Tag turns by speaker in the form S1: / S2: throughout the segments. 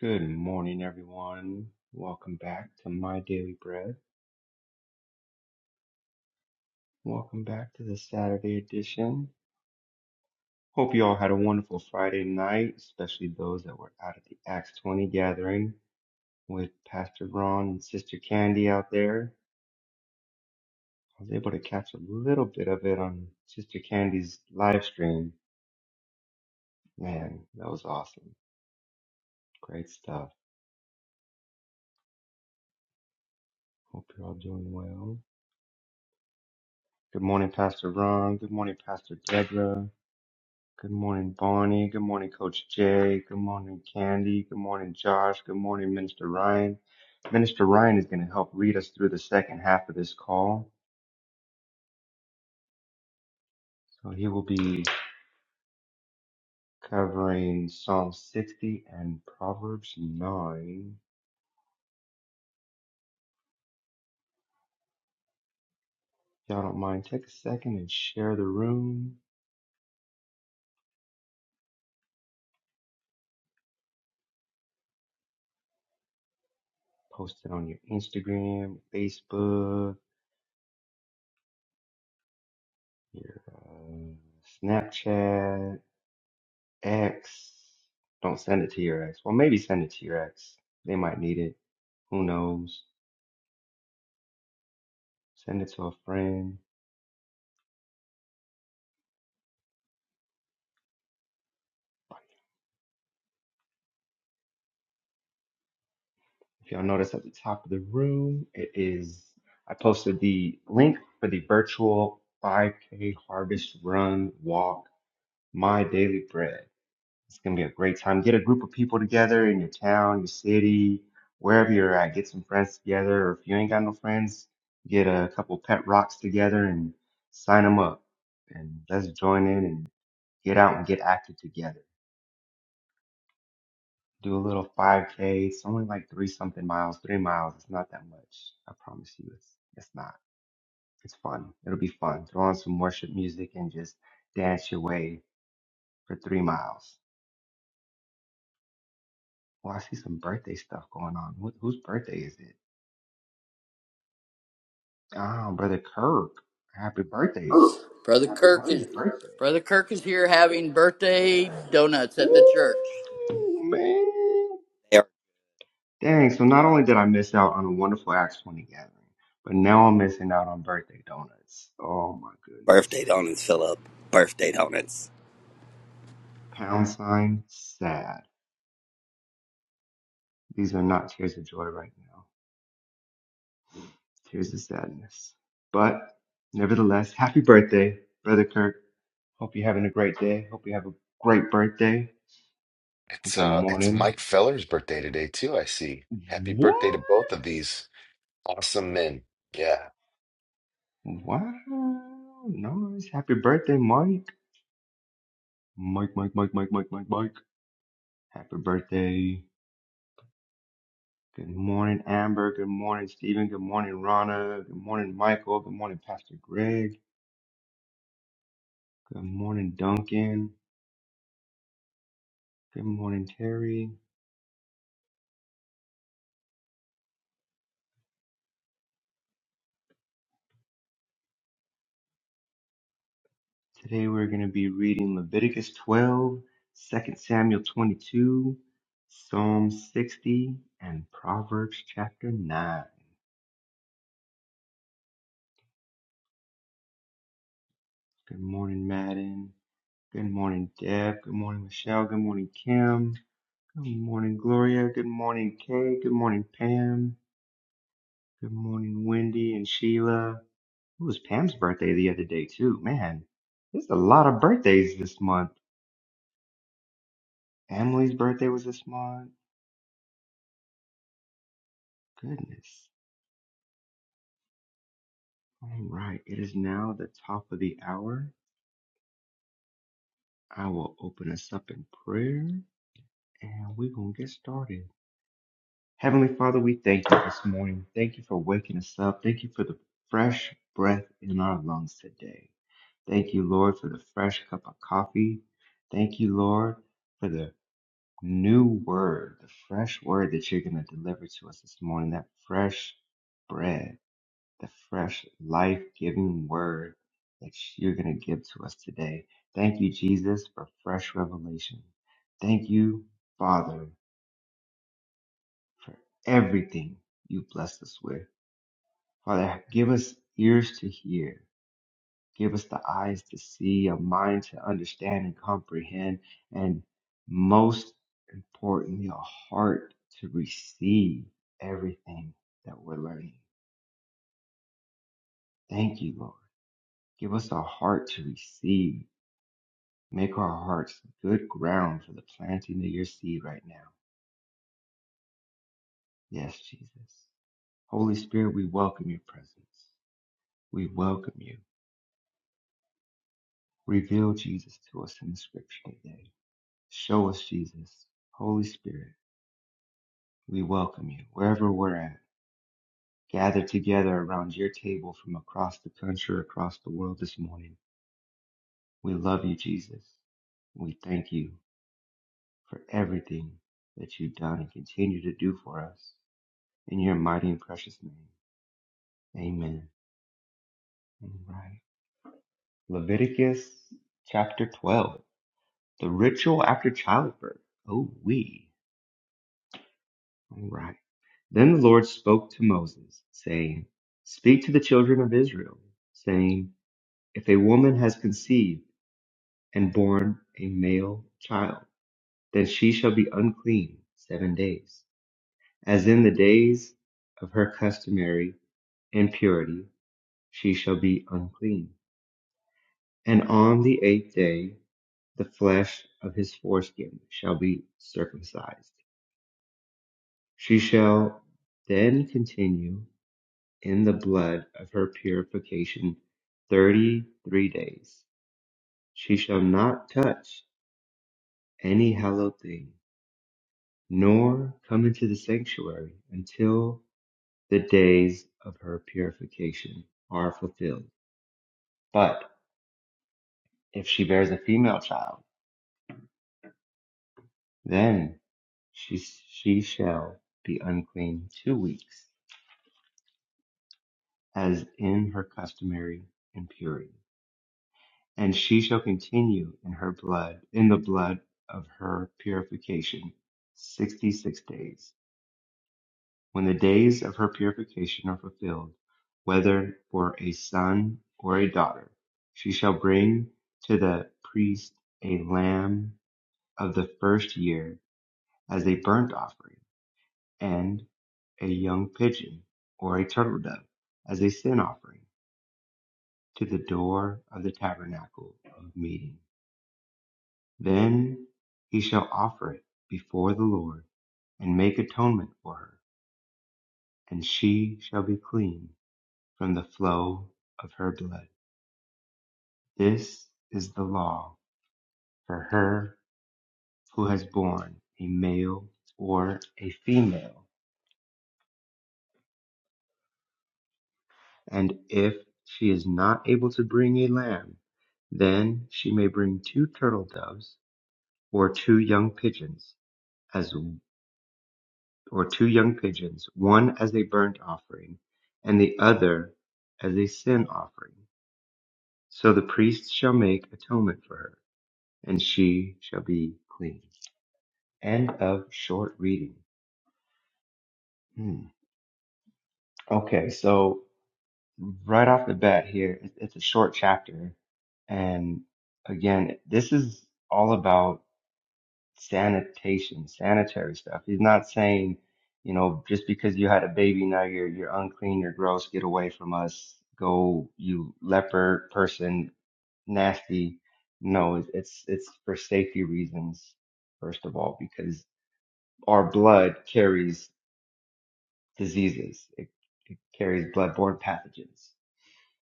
S1: Good morning, everyone. Welcome back to My Daily Bread. Welcome back to the Saturday edition. Hope you all had a wonderful Friday night, especially those that were out at the Acts 20 gathering with Pastor Ron and Sister Candy out there. I was able to catch a little bit of it on Sister Candy's live stream. Man, that was awesome. Great stuff. Hope you're all doing well. Good morning, Pastor Ron. Good morning, Pastor Deborah. Good morning, Bonnie. Good morning, Coach Jay. Good morning, Candy. Good morning, Josh. Good morning, Minister Ryan. Minister Ryan is going to help lead us through the second half of this call. So he will be covering Psalm 60 and Proverbs 9. If y'all don't mind, take a second and share the room. Post it on your Instagram, Facebook, your uh, Snapchat, X. Don't send it to your ex. Well, maybe send it to your ex. They might need it Who knows? Send it to a friend. If y'all notice at the top of the room, it is I posted the link for the virtual 5K harvest run walk, my daily bread. It's gonna be a great time. Get a group of people together in your town, your city, wherever you're at. Get some friends together, or if you ain't got no friends, get a couple pet rocks together and sign them up, and let's join in and get out and get active together. do a little 5K. It's only like three something miles, three miles. It's not that much. I promise you, it's it's not. It's fun. It'll be fun. Throw on some worship music and just dance your way for three miles. Well, I see some birthday stuff going on. Wh- whose birthday is it? Ah, brother Kirk. Happy birthday.
S2: Brother Kirk
S1: Happy
S2: is
S1: birthday.
S2: Brother Kirk is here having birthday donuts at the church.
S1: Ooh, man.
S3: They are
S1: Dang, so not only did I miss out on a wonderful Acts 20 gathering, but now I'm missing out on birthday donuts. Oh my
S3: birthday
S1: goodness.
S3: donuts, Philip. Birthday donuts.
S1: Pound sign sad. These are not tears of joy right now. Tears of sadness. But nevertheless, happy birthday, Brother Kirk. Hope you're having a great day. Hope you have a great birthday.
S4: It's
S1: Good
S4: uh it's
S1: morning.
S4: Mike Feller's birthday today too, I see. Happy
S1: What?
S4: birthday to both of these awesome men. Yeah.
S1: Wow. Nice. Happy birthday, Mike. Mike, Mike, Mike, Mike, Mike, Mike, Mike. Happy birthday. Good morning, Amber. Good morning, Stephen. Good morning, Rana. Good morning, Michael. Good morning, Pastor Greg. Good morning, Duncan. Good morning, Terry. Today we're going to be reading Leviticus 12, two Samuel 22, Psalm 60, and Proverbs chapter 9. Good morning, Madden. Good morning, Deb. Good morning, Michelle. Good morning, Kim. Good morning, Gloria. Good morning, Kay. Good morning, Pam. Good morning, Wendy and Sheila. It was Pam's birthday the other day, too. Man, there's a lot of birthdays this month. Emily's birthday was this month. Goodness. All right, it is now the top of the hour. I will open us up in prayer and we're going to get started. Heavenly Father, we thank you this morning. Thank you for waking us up. Thank you for the fresh breath in our lungs today. Thank you, Lord, for the fresh cup of coffee. Thank you, Lord, for the new word, the fresh word that you're going to deliver to us this morning, that fresh bread. the fresh, life giving word that you're going to give to us today. Thank you, Jesus, for fresh revelation. Thank you, Father, for everything you blessed us with. Father, give us ears to hear, give us the eyes to see, a mind to understand and comprehend, and most importantly, a heart to receive everything that we're learning. Thank you, Lord. Give us a heart to receive Make our hearts good ground for the planting of your seed right now. Yes, Jesus. Holy Spirit, we welcome your presence. We welcome you. Reveal Jesus to us in the scripture today. Show us Jesus. Holy Spirit, we welcome you wherever we're at. Gather together around your table from across the country, across the world this morning. We love you, Jesus. We thank you for everything that you've done and continue to do for us. In your mighty and precious name. Amen. All right. Leviticus chapter 12. The ritual after childbirth. Oh, we. All right. Then the Lord spoke to Moses, saying, Speak to the children of Israel, saying, If a woman has conceived and borne a male child, then she shall be unclean seven days. As in the days of her customary impurity, she shall be unclean. And on the eighth day The flesh of his foreskin shall be circumcised. She shall then continue in the blood of her purification thirty three days. She shall not touch any hallowed thing, nor come into the sanctuary until the days of her purification are fulfilled. But if she bears a female child, then she, she shall be unclean two weeks. as in her customary impurity. And she shall continue in her blood, in the blood of her purification, 66 days. When the days of her purification are fulfilled, whether for a son or a daughter, she shall bring to the priest a lamb of the first year as a burnt offering, and a young pigeon or a turtle dove as a sin offering. to the door of the tabernacle of meeting. Then he shall offer it before the Lord and make atonement for her, and she shall be clean from the flow of her blood. This is the law for her who has borne a male or a female. And if she is not able to bring a lamb, then she may bring two turtle doves or two young pigeons as. or two young pigeons, one as a burnt offering, and the other as a sin offering. So the priest shall make atonement for her, and she shall be clean. End of short reading. Hmm. Okay, so right off the bat here, it- it's a short chapter, and again, this is all about sanitation, sanitary stuff. He's not saying, you know, just because you had a baby now you're you're unclean, you're gross, get away from us, go you leper person, nasty. No, it's it's, it's for safety reasons first of all because our blood carries diseases. It, it carries bloodborne pathogens.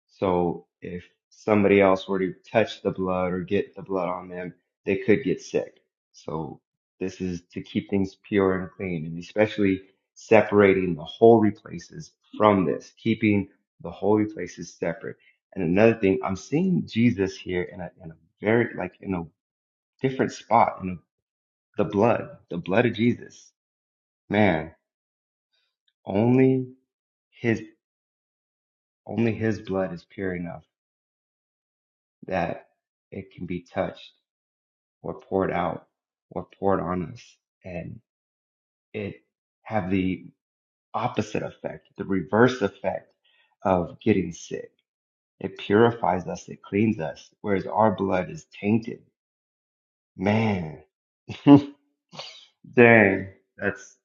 S1: So if somebody else were to touch the blood or get the blood on them, they could get sick. So this is to keep things pure and clean and especially separating the holy places from this, keeping the holy places separate. And another thing, I'm seeing Jesus here in a, in a very, like in a different spot in the blood, the blood of Jesus. Man, only his, only his blood is pure enough that it can be touched were poured out, were poured on us, and it have the opposite effect, the reverse effect of getting sick. It purifies us, it cleans us, whereas our blood is tainted. Man, dang, that's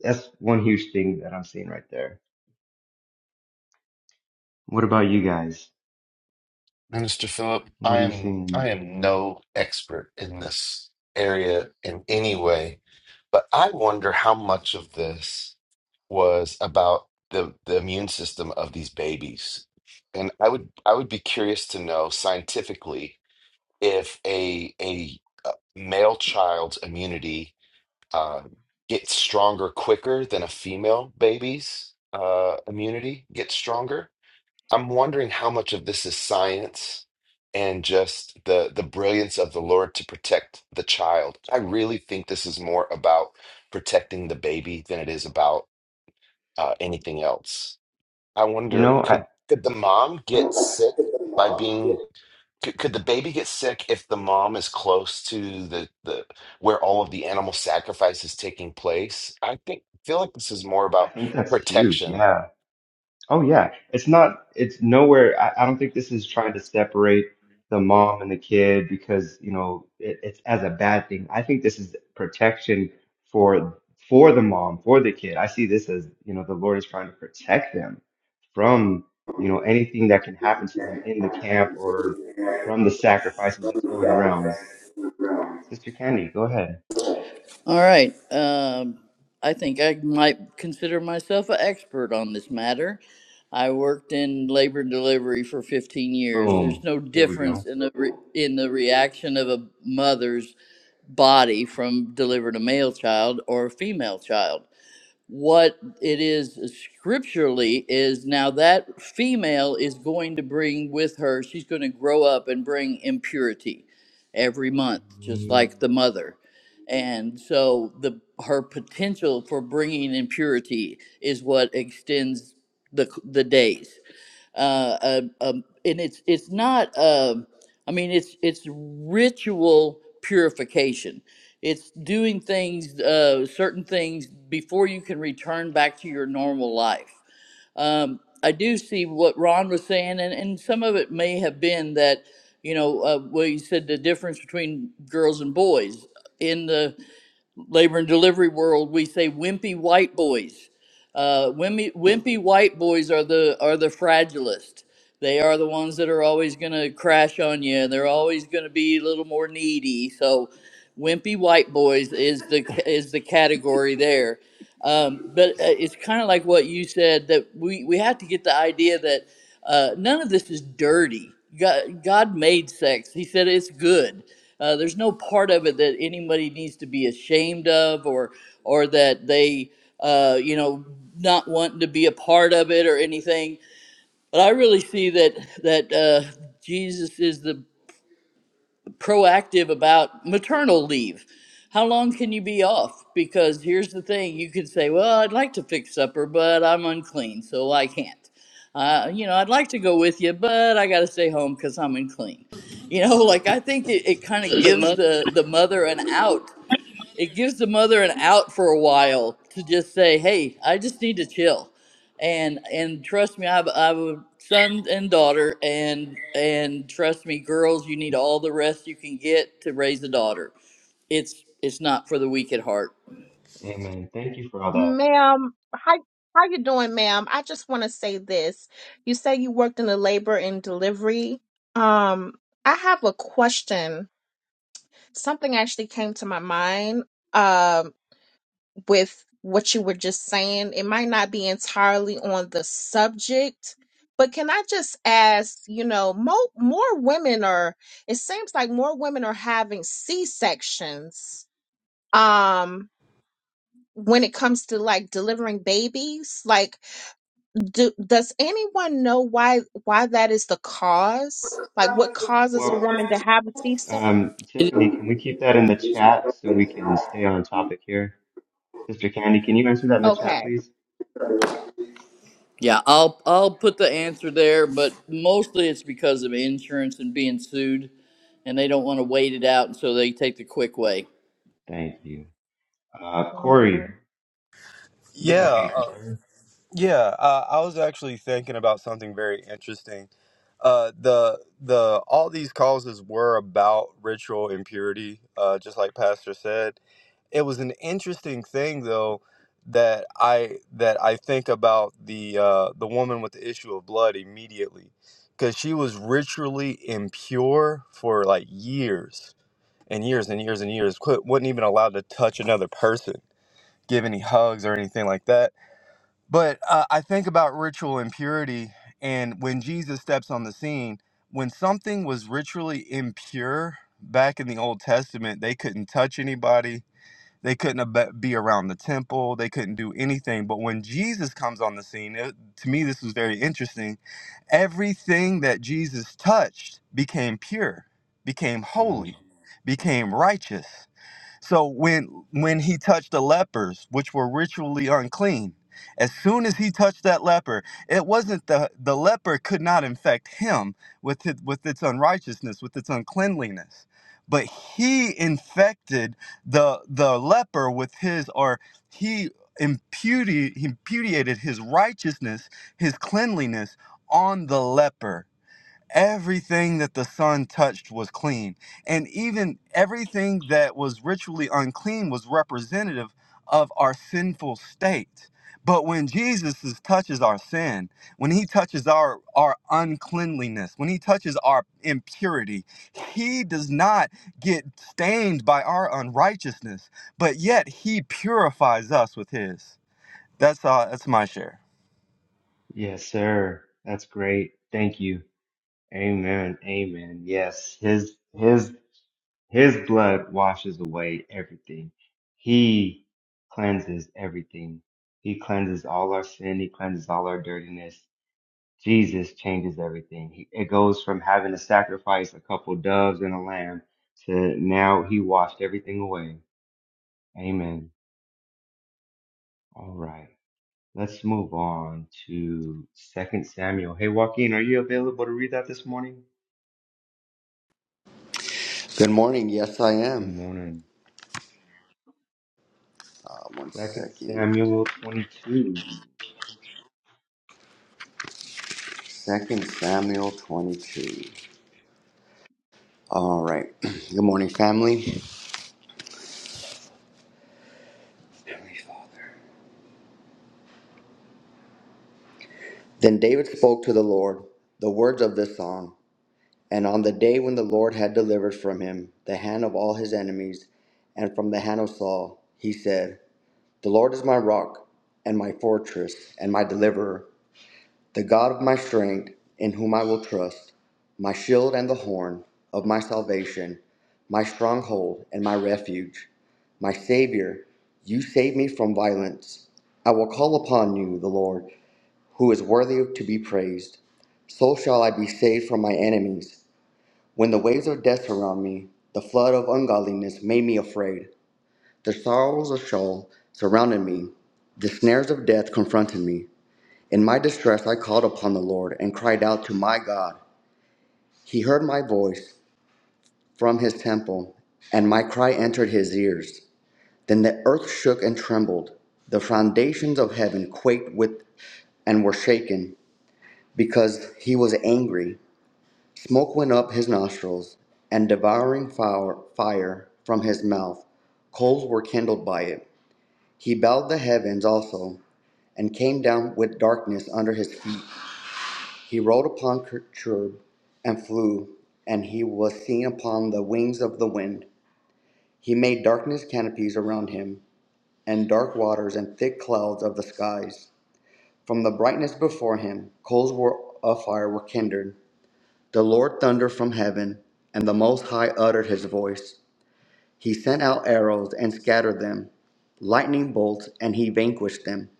S1: that's one huge thing that I'm seeing right there. What about you guys?
S4: Minister Philip, I
S1: What are you
S4: am I
S1: seeing?
S4: am no expert in this area in any way, but I wonder how much of this was about the the immune system of these babies. And I would I would be curious to know scientifically if a a uh, male child's immunity uh, get stronger quicker than a female baby's uh, immunity gets stronger. I'm wondering how much of this is science and just the the brilliance of the Lord to protect the child. I really think this is more about protecting the baby than it is about uh, anything else. I
S1: You
S4: wonder
S1: know, I
S4: could could the mom get sick by being could, could the baby get sick if the mom is close to the, the where all of the animal sacrifice is taking place? I think feel like this is more about
S1: I think that's huge.
S4: protection.
S1: Yeah, Oh yeah, it's not. It's nowhere. I, I don't think this is trying to separate the mom and the kid because you know it, it's as a bad thing. I think this is protection for for the mom for the kid. I see this as you know the Lord is trying to protect them from you know anything that can happen to them in the camp or from the sacrifices that's going around. Sister Candy, go ahead.
S2: All right. Um, I think I might consider myself an expert on this matter. I worked in labor and delivery for 15 years.
S1: Boom.
S2: There's no
S1: Here we go.
S2: difference in the re- in the reaction of a mother's body from delivered a male child or a female child. what it is scripturally is now that female is going to bring with her she's going to grow up and bring impurity every month just
S1: Mm.
S2: like the mother and so the her potential for bringing impurity is what extends the the days uh, uh, um, and it's it's not. um I mean, it's it's ritual purification. It's doing things, uh, certain things before you can return back to your normal life. Um, I do see what Ron was saying, and, and some of it may have been that, you know, uh, well, you said the difference between girls and boys in the labor and delivery world, we say wimpy white boys. Uh, wimpy, wimpy white boys are the are the fragilest. They are the ones that are always going to crash on you, and they're always going to be a little more needy. So, wimpy white boys is the is the category there. Um, but uh, it's kind of like what you said that we, we have to get the idea that uh, none of this is dirty. God, God made sex, He said it's good. Uh, there's no part of it that anybody needs to be ashamed of or, or that they, uh, you know, not wanting to be a part of it or anything. But I really see that, that uh, Jesus is the proactive about maternal leave. How long can you be off? Because here's the thing you could say, well, I'd like to fix supper, but I'm unclean, so I can't. Uh, you know, I'd like to go with you, but I got to stay home because I'm unclean. You know, like I think it, it kind of
S5: The
S2: gives
S5: mother.
S2: the, the mother an out it gives the mother an out for a while to just say, "Hey, I just need to chill," and and trust me, I have, I have a son and daughter, and and trust me, girls, you need all the rest you can get to raise a daughter. It's it's not for the weak at heart.
S1: Amen. Thank you for all that.
S6: Ma'am, how how you doing, ma'am? I just want to say this. You say you worked in the labor and delivery. Um, I have a question. Something actually came to my mind um with what you were just saying. It might not be entirely on the subject, but can I just ask, you know, more more women are it seems like more women are having C-sections. Um when it comes to like delivering babies like do does anyone know why why that is the cause? Like what causes a
S1: Well.
S6: woman to have a C-section?
S1: Um,
S2: It-
S1: Tiffany, can we keep that in the chat so we can stay on topic here? Sister Candy, can you answer that in the chat,
S6: Okay.
S1: please?
S2: yeah, I'll I'll put the answer there, but mostly it's because of insurance and being sued, and they don't want to wait it out, and so they take the quick way.
S1: Thank you. Uh,
S6: Okay.
S1: Corey, you had
S5: Yeah,
S1: something,
S5: uh,
S1: sir.
S5: yeah. Uh, I was actually thinking about something very interesting. Uh, the the all these causes were about ritual impurity, uh, just like Pastor said. It was an interesting thing though that I that I think about the uh, the woman with the issue of blood immediately because she was ritually impure for like years and years and years and years. Quit, wasn't even allowed to touch another person, give any hugs or anything like that But uh, I think about ritual impurity, and when Jesus steps on the scene, when something was ritually impure back in the Old Testament, they couldn't touch anybody, they couldn't ab- be around the temple, they couldn't do anything. But when Jesus comes on the scene, it, to me, this was very interesting. Everything that Jesus touched became pure, became
S1: Come on.
S5: holy, became righteous. So when when he touched the lepers, which were ritually unclean, as soon as he touched that leper, it wasn't the the leper could not infect him with it, with its unrighteousness, with its uncleanliness, but he infected the the leper with his or he imputed he imputed his righteousness, his cleanliness on the leper everything that the sun touched was clean and even everything that was ritually unclean was representative of our sinful state but when jesus is- touches our sin when he touches our our uncleanliness when he touches our impurity he does not get stained by our unrighteousness but yet he purifies us with his that's uh that's my share
S1: Yes, sir. That's great. Thank you. Amen. Amen. Yes, his his his blood washes away everything. He cleanses everything. He cleanses all our sin. He cleanses all our dirtiness. Jesus changes everything. He, it goes from having to sacrifice a couple doves and a lamb to now he washed everything away. Amen. All right. Let's move on to Second Samuel. Hey, Joaquin, are you available to read that this morning?
S7: Good morning. Yes, I
S1: Good
S7: am.
S1: morning.
S7: Uh, one
S1: Second
S7: second.
S1: Samuel 22.
S7: Second Samuel 22. All right. Good morning, family. Heavenly father. Then David spoke to the Lord the words of this song. And on the day when the Lord had delivered from him the hand of all his enemies and from the hand of Saul, he said, The Lord is my rock and my fortress and my deliverer the God of my strength, in whom I will trust, my shield and the horn of my salvation, my stronghold and my refuge, my Savior, you save me from violence. I will call upon you, the Lord, who is worthy to be praised. So shall I be saved from my enemies. When the waves of death surround me, the flood of ungodliness made me afraid. The sorrows of Sheol surrounded me, the snares of death confronted me. In my distress, I called upon the Lord and cried out to my God. He heard my voice from his temple, and my cry entered his ears. Then the earth shook and trembled. The foundations of heaven quaked with and were shaken because he was angry. Smoke went up his nostrils, and devouring fire, from his mouth. Coals were kindled by it. He bowed the heavens also, and came down with darkness under his feet. He rode upon Cherub and flew, and he was seen upon the wings of the wind. He made darkness canopies around him, and dark waters and thick clouds of the skies. From the brightness before him, coals were of fire were kindled. The Lord thundered from heaven, and the Most High uttered his voice. He sent out arrows and scattered them, lightning bolts, and he vanquished them.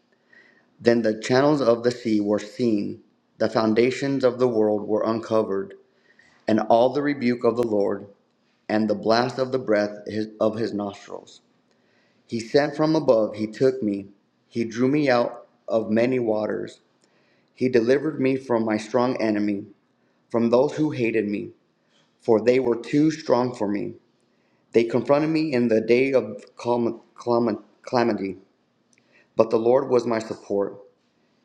S7: Then the channels of the sea were seen, the foundations of the world were uncovered. and all the rebuke of the Lord, and the blast of the breath of his nostrils. He sent from above, he took me, he drew me out of many waters. He delivered me from my strong enemy, from those who hated me, for they were too strong for me. They confronted me in the day of calm, calm, calamity, but the Lord was my support.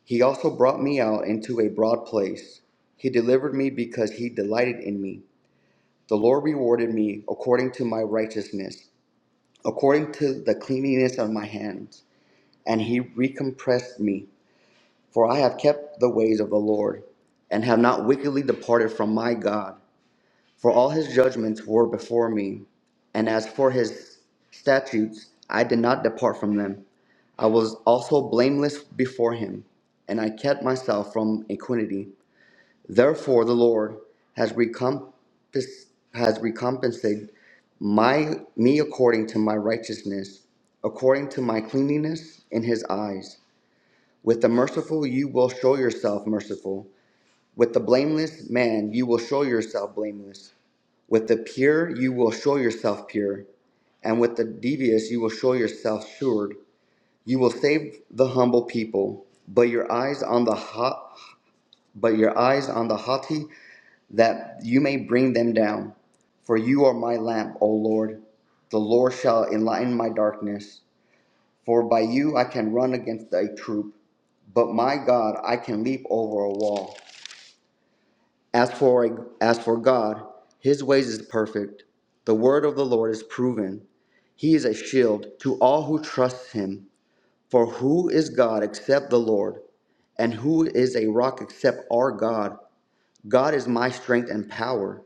S7: He also brought me out into a broad place. He delivered me because he delighted in me. The Lord rewarded me according to my righteousness according to the cleanliness of my hands. And he recompressed me, for I have kept the ways of the Lord, and have not wickedly departed from my God. For all his judgments were before me, and as for his statutes, I did not depart from them. I was also blameless before him, and I kept myself from iniquity. Therefore, the Lord has recompensed, has recompensated my me according to my righteousness, according to my cleanliness in His eyes. With the merciful, you will show yourself merciful. With the blameless man, you will show yourself blameless. With the pure, you will show yourself pure. And with the devious, you will show yourself assured. You will save the humble people, but your eyes on the hot, but your eyes on the haughty that you may bring them down. For you are my lamp, O Lord. The Lord shall enlighten my darkness. For by you I can run against a troop, but my God, I can leap over a wall. As for, as for God, his ways is perfect. The word of the Lord is proven. He is a shield to all who trust him. For who is God except the Lord? And who is a rock except our God? God is my strength and power.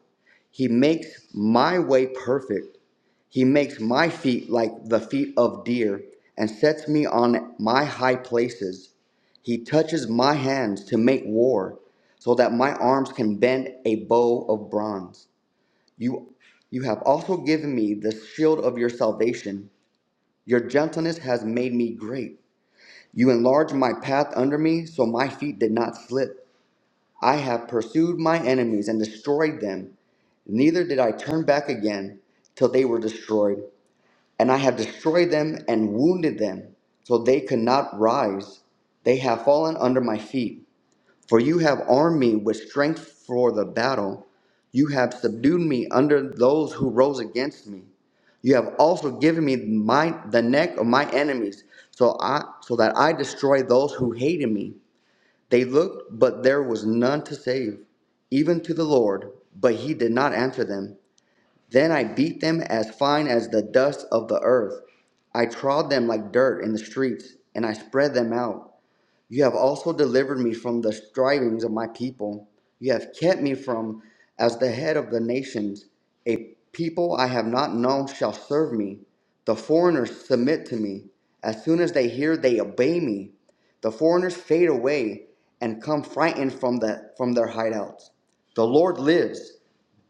S7: He makes my way perfect. He makes my feet like the feet of deer and sets me on my high places. He touches my hands to make war so that my arms can bend a bow of bronze. You, you have also given me the shield of your salvation. Your gentleness has made me great. You enlarged my path under me so my feet did not slip. I have pursued my enemies and destroyed them. Neither did I turn back again till they were destroyed. And I have destroyed them and wounded them, so they could not rise. They have fallen under my feet. For you have armed me with strength for the battle. You have subdued me under those who rose against me. You have also given me my, the neck of my enemies, so, I, so that I destroy those who hated me. They looked, but there was none to save, even to the Lord, but he did not answer them. Then I beat them as fine as the dust of the earth. I trod them like dirt in the streets, and I spread them out. You have also delivered me from the strivings of my people. You have kept me from as the head of the nations. A people I have not known shall serve me. The foreigners submit to me. As soon as they hear, they obey me. The foreigners fade away and come frightened from, the, from their hideouts. The Lord lives.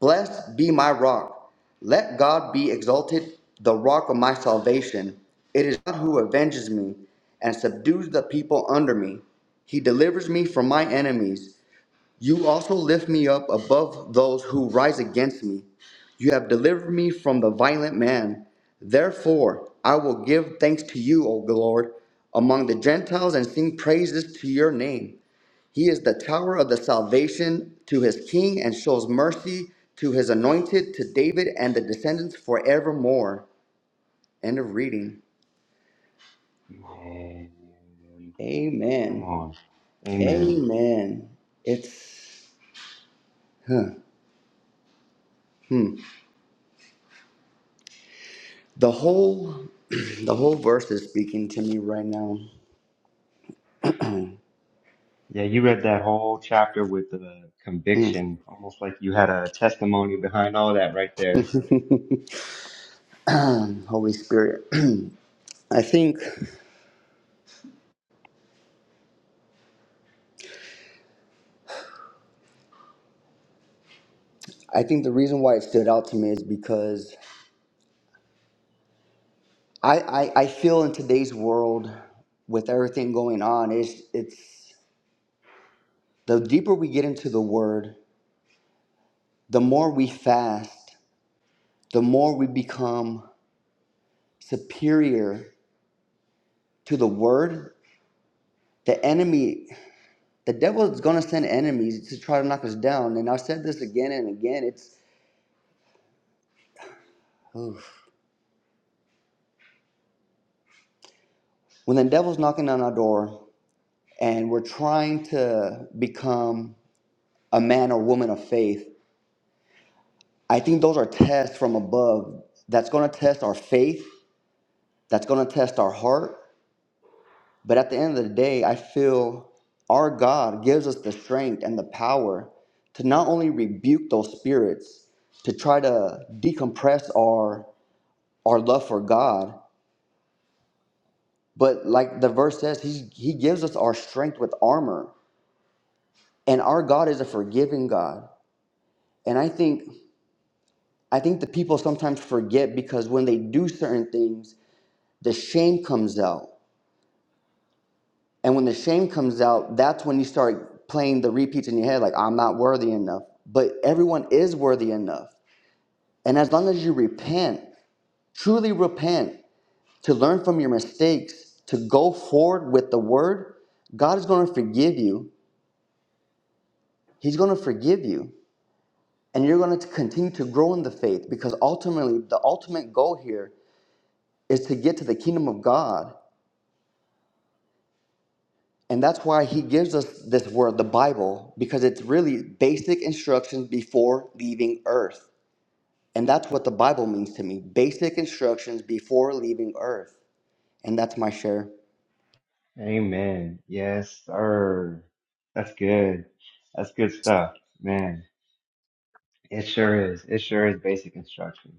S7: Blessed be my rock. Let God be exalted, the rock of my salvation. It is God who avenges me and subdues the people under me. He delivers me from my enemies. You also lift me up above those who rise against me. You have delivered me from the violent man. Therefore, I will give thanks to you, O Lord, among the Gentiles and sing praises to your name. He is the tower of the salvation to his king and shows mercy to his anointed, to David and the descendants forevermore. End of reading.
S1: Man, come
S7: Amen.
S1: on. Amen.
S7: Amen. It's the whole the whole verse is speaking to me right now.
S1: Yeah, you read that whole chapter with the
S7: Mm,
S1: conviction, almost like you had a testimony behind all that right there.
S7: Holy Spirit. I think I think the reason why it stood out to me is because I, I, I feel in today's world with everything going on, it's it's the deeper we get into the word The more we fast, the more we become superior to the word. The enemy, the devil is going to send enemies to try to knock us down. And I've said this again and again. It's oof. when the devil's knocking on our door and we're trying to become a man or woman of faith. I think those are tests from above that's going to test our faith, that's going to test our heart, But at the end of the day, I feel our God gives us the strength and the power to not only rebuke those spirits, to try to decompress our our love for God, but like the verse says, He He gives us our strength with armor. And our God is a forgiving God. And I think I think the people sometimes forget because when they do certain things, the shame comes out. And when the shame comes out, that's when you start playing the repeats in your head, like, I'm not worthy enough. But everyone is worthy enough. And as long as you repent, truly repent, to learn from your mistakes, to go forward with the word, God is going to forgive you. He's going to forgive you. And you're going to continue to grow in the faith because ultimately, the ultimate goal here is to get to the kingdom of God. And that's why he gives us this word, the Bible, because it's really basic instructions before leaving earth. And that's what the Bible means to me basic instructions before leaving earth. And that's my share.
S1: Amen. Yes, sir. That's good. That's good stuff, man. It sure is. It sure is basic instruction.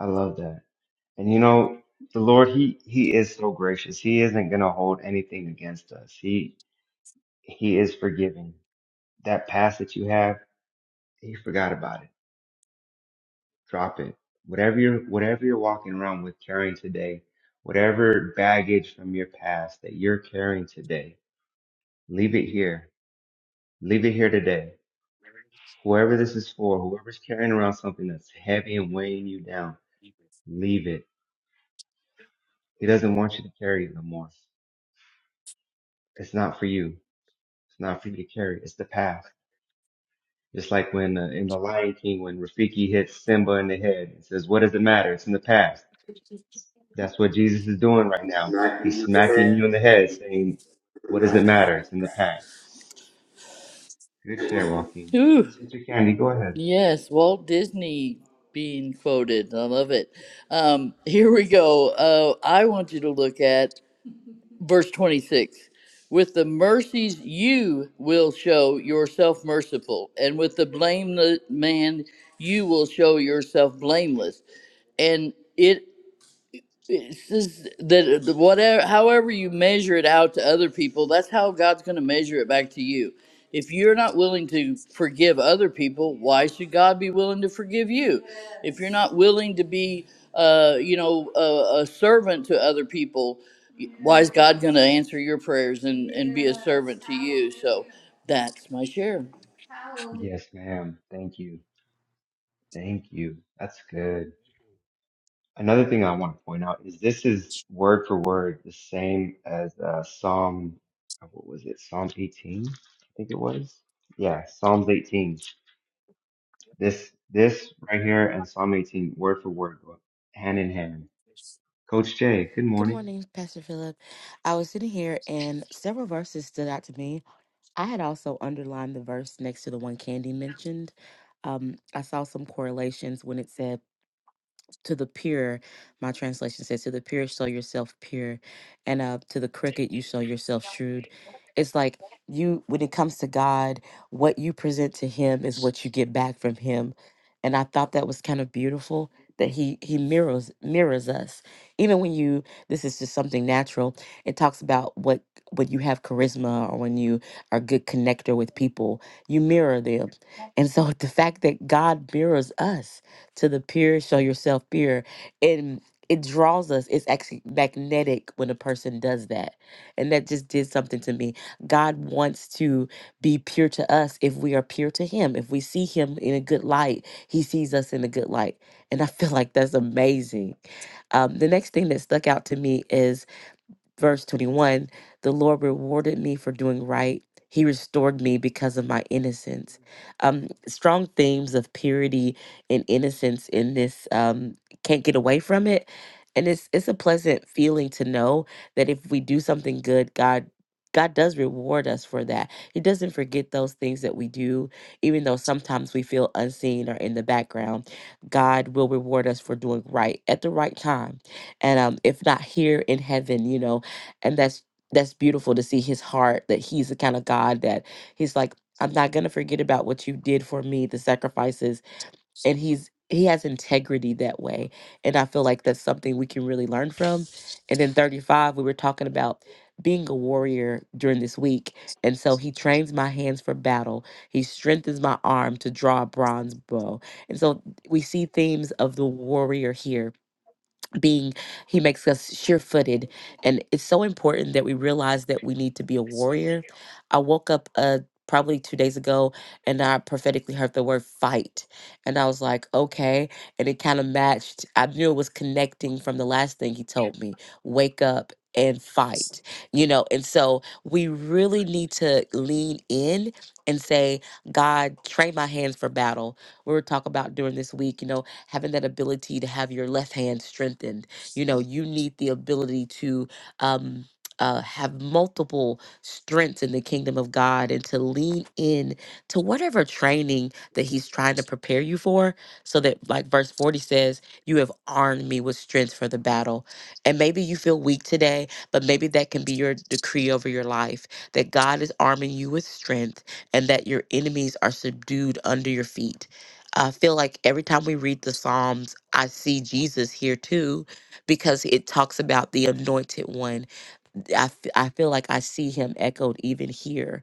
S1: I love that. And you know, the Lord, he he is so gracious. He isn't gonna hold anything against us. He he is forgiving. That past that you have, he forgot about it. Drop it. Whatever you're whatever you're walking around with carrying today, whatever baggage from your past that you're carrying today, leave it here. Leave it here today
S8: Mm,
S1: Whoever this is for, whoever's carrying around something that's heavy and weighing you down, leave it. He doesn't want you to carry it no more. It's not for you. It's not for you to carry. It's the past. Just like when uh, in The Lion King, when Rafiki hits Simba in the head and says, what does it matter? It's in the past. That's what Jesus is doing right now. He's smacking you in the head saying, what does it matter? It's in the past. Good share, Joaquin.
S2: Whew.
S1: Sister Candy, go ahead.
S2: Yes, Walt Disney being quoted. I love it. Um, here we go. Uh, I want you to look at verse 26. With the mercies you will show yourself merciful, and with the blameless man you will show yourself blameless. And it it's just that uh, the- whatever, however you measure it out to other people, that's how God's going to measure it back to you. If you're not willing to forgive other people, why should God be willing to forgive you? If you're not willing to be, uh, you know, a, a servant to other people, y- why is God going to answer your prayers and, and be a servant to you? So that's my share.
S1: Yes, ma'am. Thank you. Thank you. That's good. Another thing I want to point out is this is word for word the same as uh, Psalm, uh, what was it? Psalm 18, I think it was. Yeah, Psalms 18. This this right here and Psalm 18, word for word, go hand in hand. Coach Jay, good
S9: Good
S1: morning.
S9: morning, Pastor Philip. I was sitting here and several verses stood out to me. I had also underlined the verse next to the one Candy mentioned. Um, I saw some correlations when it said to the pure, my translation says, to the pure, show yourself pure, and uh, to the crooked, you show yourself shrewd. It's like you, when it comes to God, what you present to Him is what you get back from Him, and I thought that was kind of beautiful that He He mirrors mirrors us. Even when you, this is just something natural. It talks about what when you have charisma or when you are a good connector with people, you mirror them, and so the fact that God mirrors us to the pure, show yourself pure. And it draws us. It's actually magnetic when a person does that. And that just did something to me. God wants to be pure to us if we are pure to Him. If we see Him in a good light, He sees us in a good light. And I feel like that's amazing. Um, the next thing that stuck out to me is verse 21 the lord rewarded me for doing right he restored me because of my innocence um strong themes of purity and innocence in this um can't get away from it and it's it's a pleasant feeling to know that if we do something good god God does reward us for that. He doesn't forget those things that we do, even though sometimes we feel unseen or in the background. God will reward us for doing right at the right time. And um, if not here in heaven, you know, and that's that's beautiful to see his heart that he's the kind of god that he's like i'm not going to forget about what you did for me the sacrifices and he's he has integrity that way and i feel like that's something we can really learn from and then 35 we were talking about being a warrior during this week and so he trains my hands for battle he strengthens my arm to draw a bronze bow and so we see themes of the warrior here being he makes us sure-footed and it's so important that we realize that we need to be a warrior i woke up uh probably two days ago and i prophetically heard the word fight and i was like okay and it kind of matched i knew it was connecting from the last thing he told me wake up and fight you know and so we really need to lean in and say god train my hands for battle we were talking about during this week you know having that ability to have your left hand strengthened. You know, you need the ability to um, uh, have multiple strengths in the kingdom of God and to lean in to whatever training that He's trying to prepare you for. So that, like verse 40 says, you have armed me with strength for the battle. And maybe you feel weak today, but maybe that can be your decree over your life that God is arming you with strength and that your enemies are subdued under your feet I feel like every time we read the Psalms, I see Jesus here too, because it talks about the anointed one I, f- I feel like I see him echoed even here.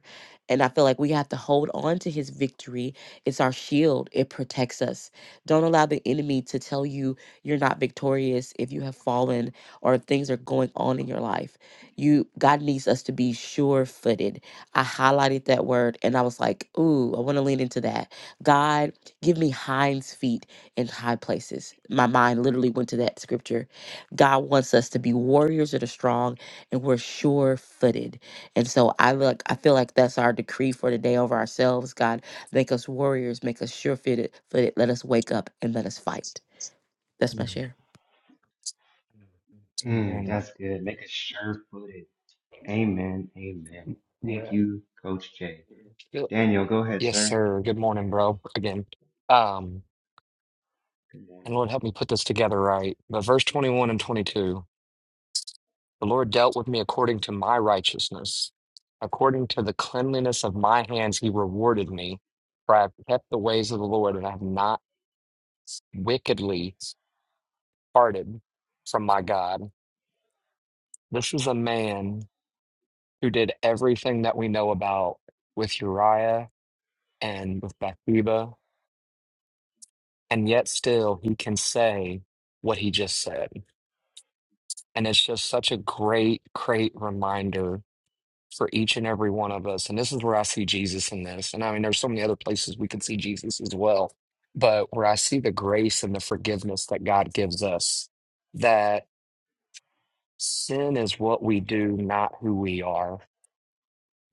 S9: And I feel like we have to hold on to his victory. It's our shield, it protects us. Don't allow the enemy to tell you you're not victorious if you have fallen or if things are going on in your life. You God needs us to be sure footed. I highlighted that word and I was like, ooh, I want to lean into that. God, give me hinds feet in high places. My mind literally went to that scripture. God wants us to be warriors of the strong and we're sure footed. And so I look, I feel like that's our decree for today over ourselves. God, make us warriors, make us sure footed, footed. Let us wake up and let us fight. That's my share.
S1: Mm, that's good. Make it sure-footed. Amen. Amen. Thank
S8: Yeah.
S1: you, Coach Jay.
S8: Yep.
S1: Daniel, go ahead,
S8: Yes,
S1: sir.
S8: sir. Good morning, bro. Again. Um,
S1: Good
S8: and
S1: morning.
S8: Lord help me put this together right. But verse 21 and 22. The Lord dealt with me according to my righteousness. According to the cleanliness of my hands, he rewarded me. For I have kept the ways of the Lord and I have not wickedly parted from my God. This is a man who did everything that we know about with Uriah and with Bathsheba, and yet still he can say what he just said. And it's just such a great, great reminder for each and every one of us. And this is where I see Jesus in this. And I mean, there's so many other places we can see Jesus as well, but where I see the grace and the forgiveness that God gives us, that sin is what we do, not who we are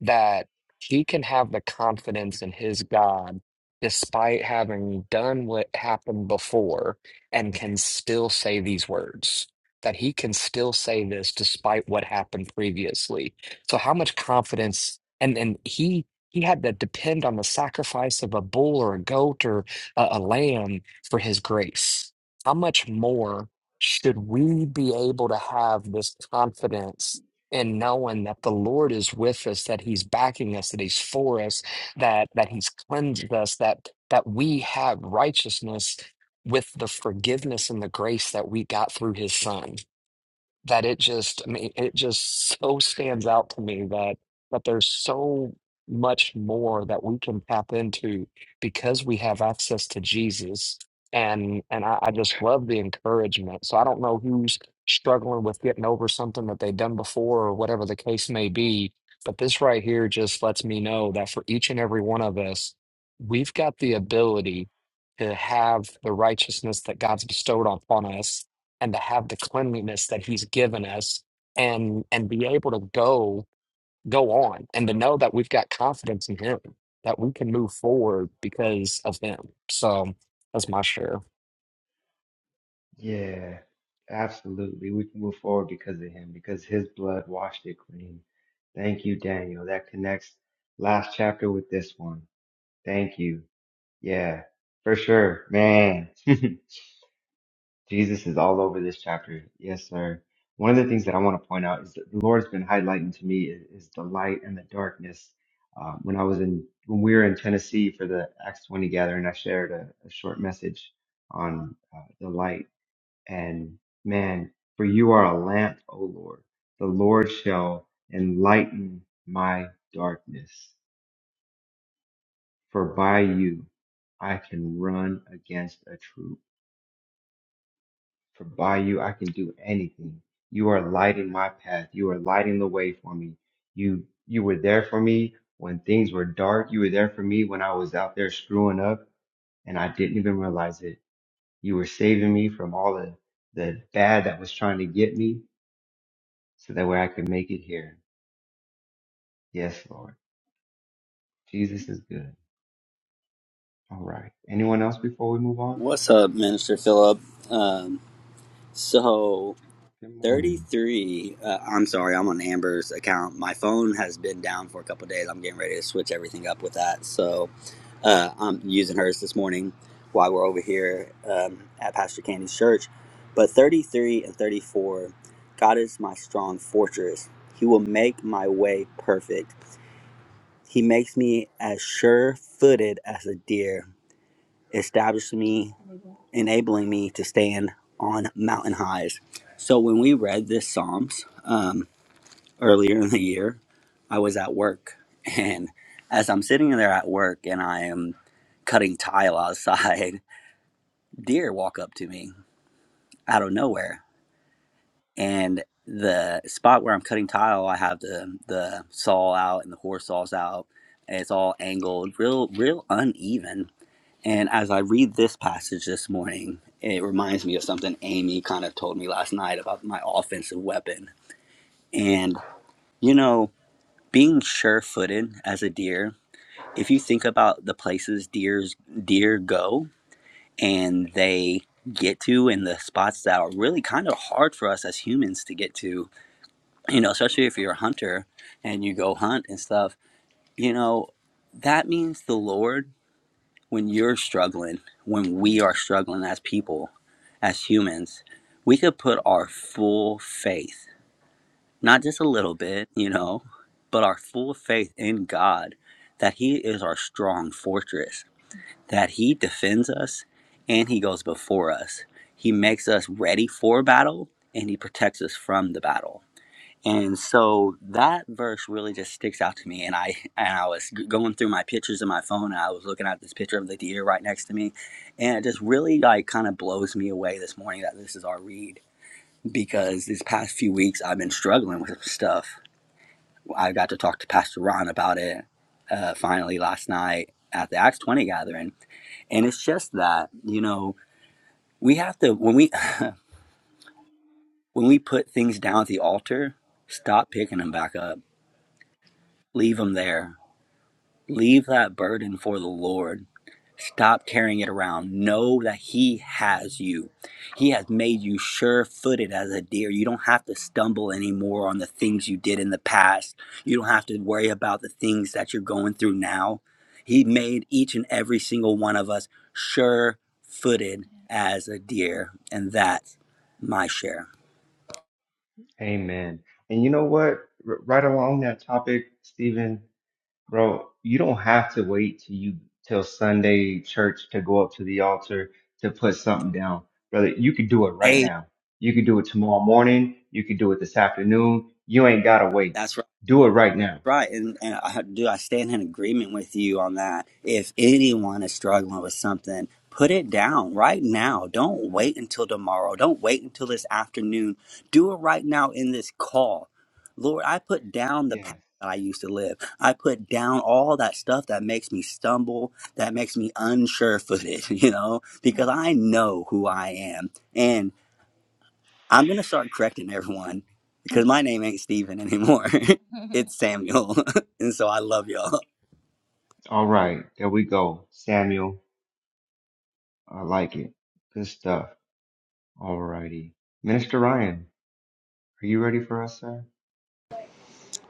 S8: that he can have the confidence in his God despite having done what happened before and can still say these words. That he can still say this despite what happened previously. So how much confidence and and he he had to depend on the sacrifice of a bull or a goat or a, a lamb for his grace. How much more should we be able to have this confidence and knowing that the Lord is with us, that He's backing us, that He's for us, that that He's cleansed us, that that we have righteousness with the forgiveness and the grace that we got through His Son that it just I mean it just so stands out to me that that there's so much more that we can tap into because we have access to Jesus and and I, I just love the encouragement. So I don't know who's struggling with getting over something that they've done before or whatever the case may be, but this right here just lets me know that for each and every one of us, we've got the ability to have the righteousness that God's bestowed upon us and to have the cleanliness that he's given us and and be able to go go on and to know that we've got confidence in him that we can move forward because of him so that's my share
S1: Yeah, absolutely. We can move forward because of him, because his blood washed it clean. Thank you, Daniel. That connects last chapter with this one. Thank you. Yeah, for sure. Man, Jesus is all over this chapter. Yes, sir. One of the things that I want to point out is that the Lord's been highlighting to me is, is the light and the darkness. Uh, when I was in, when we were in Tennessee for the Acts 20 gathering, I shared a, a short message on uh, the light and man, for you are a lamp, O Lord. The Lord shall enlighten my darkness. For by you I can run against a troop. For by you I can do anything. You are lighting my path. You are lighting the way for me. You you were there for me when things were dark. You were there for me when I was out there screwing up and I didn't even realize it. You were saving me from all the, the bad that was trying to get me so that way I could make it here. Yes, Lord. Jesus is good. All right. Anyone else before we move on?
S3: What's up, Minister Philip? Um, so,
S1: Good morning.
S3: 33, uh, I'm sorry, I'm on Amber's account. My phone has been down for a couple days. I'm getting ready to switch everything up with that. So, uh, I'm using hers this morning while we're over here um, at Pastor Candy's church. But 33 and 34, God is my strong fortress. He will make my way perfect. He makes me as sure footed as a deer established me, enabling me to stand on mountain highs. So when we read this Psalms um, earlier in the year, I was at work. And as I'm sitting there at work and I am cutting tile outside, deer walk up to me out of nowhere. And the spot where I'm cutting tile, I have the, the saw out and the horse saw's out. And it's all angled, real, real uneven And as I read this passage this morning, it reminds me of something Amy kind of told me last night about my offensive weapon. And, you know, being sure footed as a deer, if you think about the places deers deer go and they get to and the spots that are really kind of hard for us as humans to get to, you know, especially if you're a hunter and you go hunt and stuff, you know, that means the Lord when you're struggling, when we are struggling as people, as humans, we could put our full faith, not just a little bit, you know, but our full faith in God that He is our strong fortress, that He defends us and He goes before us. He makes us ready for battle and He protects us from the battle and so that verse really just sticks out to me. And I and I was g- going through my pictures in my phone, and I was looking at this picture of the deer right next to me, and it just really like kind of blows me away this morning that this is our read because these past few weeks I've been struggling with stuff. I got to talk to Pastor Ron about it uh, finally last night at the Acts twenty gathering, and it's just that you know we have to when we when we put things down at the altar, stop picking them back up, leave them there Leave that burden for the Lord. Stop carrying it around. Know that He has you. He has made you sure footed as a deer. You don't have to stumble anymore on the things you did in the past. You don't have to worry about the things that you're going through now. He made each and every single one of us sure footed as a deer. And that's my share.
S1: Amen. And you know what? R- right along that topic, Stephen, bro, you don't have to wait till you till Sunday church to go up to the altar to put something down. Brother, you could do it right
S3: Hey,
S1: now. You could do it tomorrow morning. You could do it this afternoon. You ain't gotta wait.
S3: that's right.
S1: Do it right now.
S3: Right, and, and I, do I stand in agreement with you on that? If anyone is struggling with something, put it down right now. Don't wait until tomorrow. Don't wait until this afternoon. Do it right now in this call. Lord, I put down the path
S1: Yes.
S3: that I used to live. I put down all that stuff that makes me stumble, that makes me unsure footed, you know, because I know who I am. and. I'm going to start correcting everyone because my name ain't Steven anymore. it's Samuel. and so I love y'all.
S1: All right. There we go. Samuel, I like it. Good stuff. All righty. Minister Ryan, are you ready for us, sir?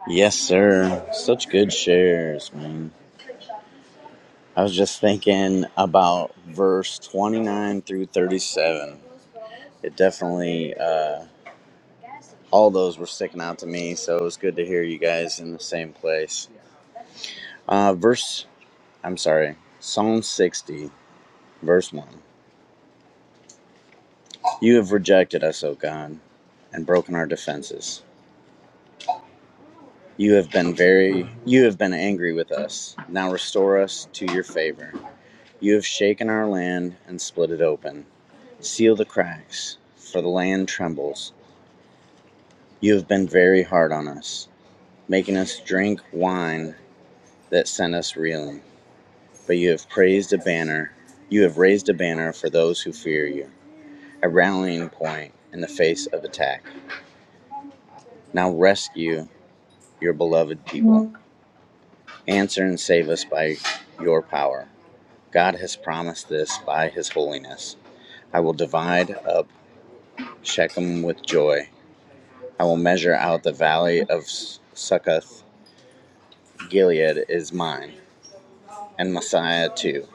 S10: Yes, sir. Such good shares, man. I was just thinking about verse 29 through 37. It definitely, uh, all those were sticking out to me, so it was good to hear you guys in the same place. Uh, verse, I'm sorry, Psalm 60, verse 1. You have rejected us, O God, and broken our defenses. You have been very, you have been angry with us. Now restore us to your favor. You have shaken our land and split it open. Seal the cracks, for the land trembles. You have been very hard on us, making us drink wine that sent us reeling. But you have praised a banner, you have raised a banner for those who fear you, a rallying point in the face of attack. Now rescue your beloved people. Answer and save us by your power. God has promised this by his holiness. I will divide up Shechem with joy. I will measure out the valley of Succoth Gilead is mine, and Messiah too.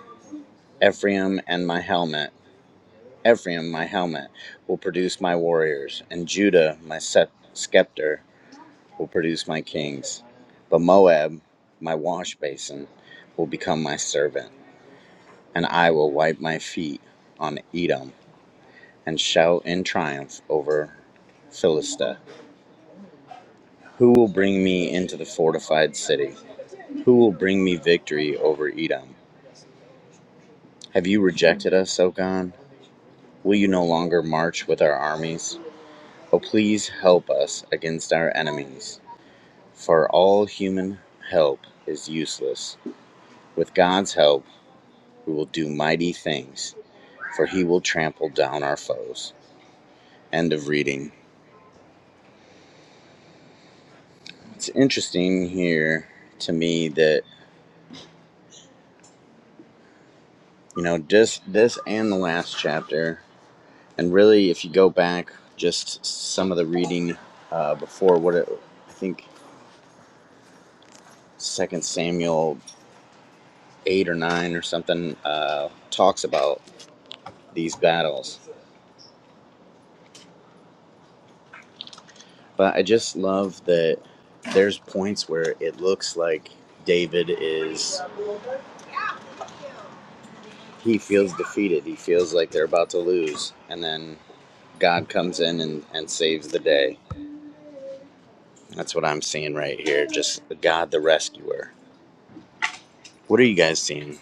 S10: Ephraim and my helmet, Ephraim my helmet, will produce my warriors, and Judah my scepter will produce my kings. But Moab, my wash basin, will become my servant, and I will wipe my feet on Edom and shout in triumph over Philistia. Who will bring me into the fortified city? Who will bring me victory over Edom? Have you rejected us, O God? Will you no longer march with our armies? Oh, please help us against our enemies, for all human help is useless. With God's help, we will do mighty things, for he will trample down our foes. End of reading. It's interesting here to me that, you know, just this and the last chapter, and really if you go back just some of the reading uh, before what it, I think Second Samuel eight or nine or something uh, talks about these battles. But I just love that there's points where it looks like David is, he feels defeated. He feels like they're about to lose. And then God comes in and, and saves the day. That's what I'm seeing right here. Just God the rescuer. What are you guys seeing?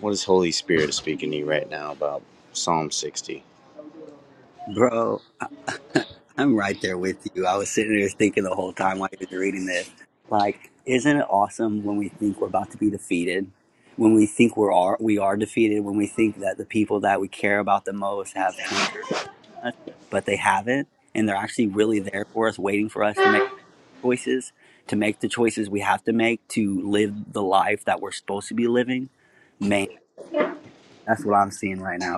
S10: What is Holy Spirit speaking to you right now about Psalm 60?
S3: Bro, I'm right there with you. I was sitting there thinking the whole time while you were reading this. Like, isn't it awesome when we think we're about to be defeated? When we think we're are, we are defeated, when we think that the people that we care about the most have turned on us, but they haven't. And they're actually really there for us, waiting for us to make. choices, to make the choices we have to make to live the life that we're supposed to be living, man, that's what I'm seeing right now.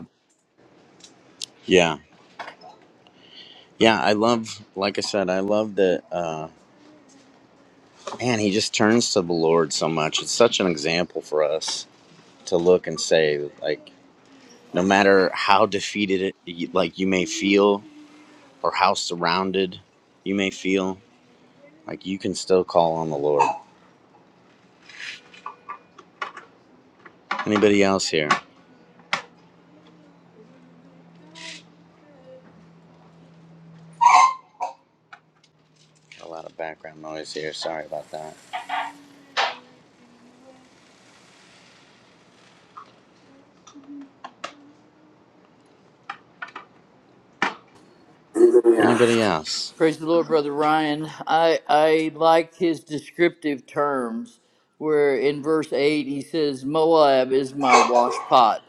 S10: Yeah. Yeah, I love, like I said, I love that. Uh, man, he just turns to the Lord so much. It's such an example for us to look and say, like, no matter how defeated it, like you may feel, or how surrounded you may feel, like you can still call on the Lord. Anybody else here? Got A lot of background noise here. Sorry about that. Anybody else?
S2: Praise the Lord, Brother Ryan. I I like his descriptive terms where in verse eight he says, Moab is my washpot.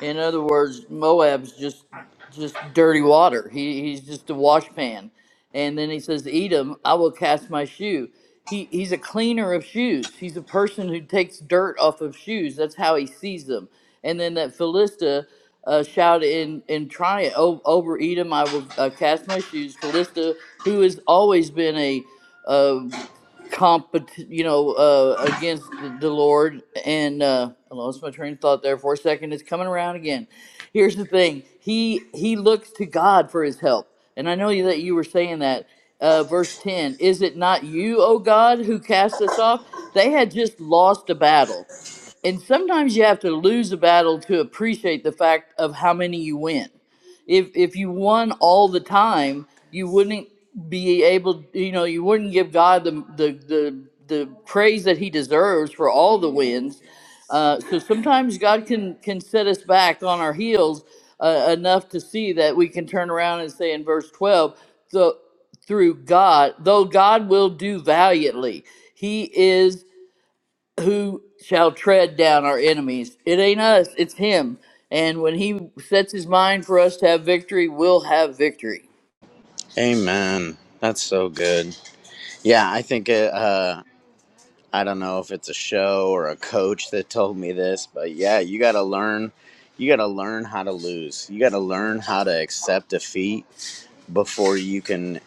S2: In other words, Moab's just just dirty water. He he's just a wash pan. And then he says, Edom, I will cast my shoe. He he's a cleaner of shoes. He's a person who takes dirt off of shoes. That's how he sees them. And then that Philista uh, shouted in in triumph "O- over Edom, I will uh, cast my shoes. Philista, who has always been a compet you know uh against the lord and uh i lost my train of thought there for a second it's coming around again here's the thing he he looks to god for his help and i know you that you were saying that uh verse 10 is it not you o god who cast us off they had just lost a battle and sometimes you have to lose a battle to appreciate the fact of how many you win if if you won all the time, you wouldn't be able, you know, you wouldn't give God the the the, the praise that He deserves for all the wins. Uh, so sometimes God can can set us back on our heels uh, enough to see that we can turn around and say in verse twelve, so through God, though God will do valiantly, He is who shall tread down our enemies. It ain't us, it's him. And when he sets his mind for us to have victory, we'll have victory.
S10: Amen. That's so good. Yeah, I think uh, uh, I don't know if it's a show or a coach that told me this, but yeah, you got to learn. You got to learn how to lose. You got to learn how to accept defeat before you can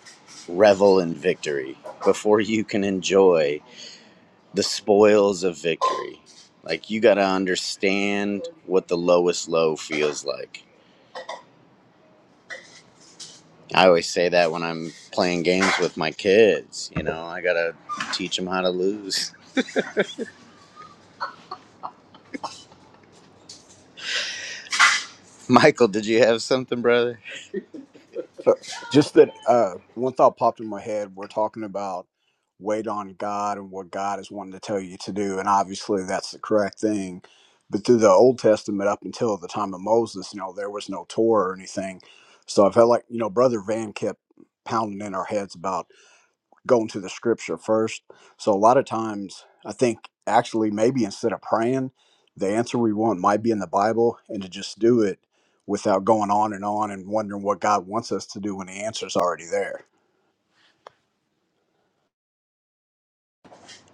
S10: revel in victory, before you can enjoy the spoils of victory. Like, you got to understand what the lowest low feels like. I always say that when I'm playing games with my kids, you know, I got to teach them how to lose. Michael, did you have something, brother?
S11: But just that uh, one thought popped in my head. We're talking about wait on God and what God is wanting to tell you to do, and obviously that's the correct thing. But through the Old Testament up until the time of Moses, you know, there was no Torah or anything. So I felt like you know, Brother Van kept pounding in our heads about going to the scripture first. So a lot of times, I think actually maybe instead of praying, the answer we want might be in the Bible, and to just do it without going on and on and wondering what God wants us to do when the answer's already there.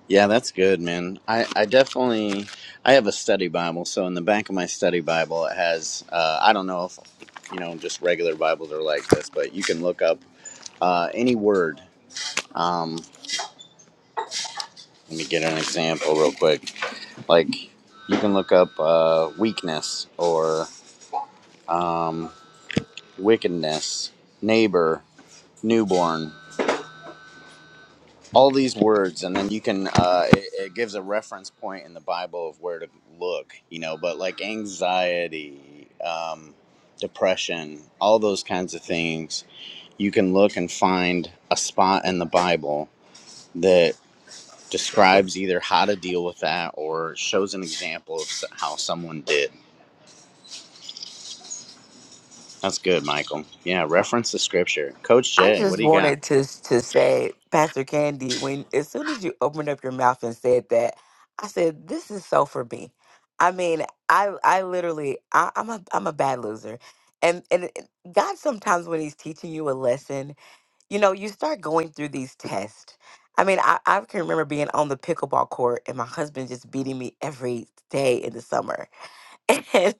S10: Yeah, that's good, man. I, I definitely I have a study Bible, so in the back of my study Bible it has uh, I don't know if you know just regular Bibles are like this, but you can look up uh, any word. Um, let me get an example real quick. Like you can look up uh, weakness or um, wickedness, neighbor, newborn. all these words and then you can uh it, it gives a reference point in the bible of where to look you know but like anxiety um depression all those kinds of things you can look and find a spot in the bible that describes either how to deal with that or shows an example of s- how someone did that's good michael yeah reference the scripture coach
S9: I
S10: jay what
S9: just
S10: do you got
S9: wanted to to say, Pastor Candy, when as soon as you opened up your mouth and said that, I said, "This is so for me." I mean, I I literally I, I'm a I'm a bad loser, and and God sometimes when He's teaching you a lesson you know, you start going through these tests. I mean, I, I can remember being on the pickleball court and my husband just beating me every day in the summer. And,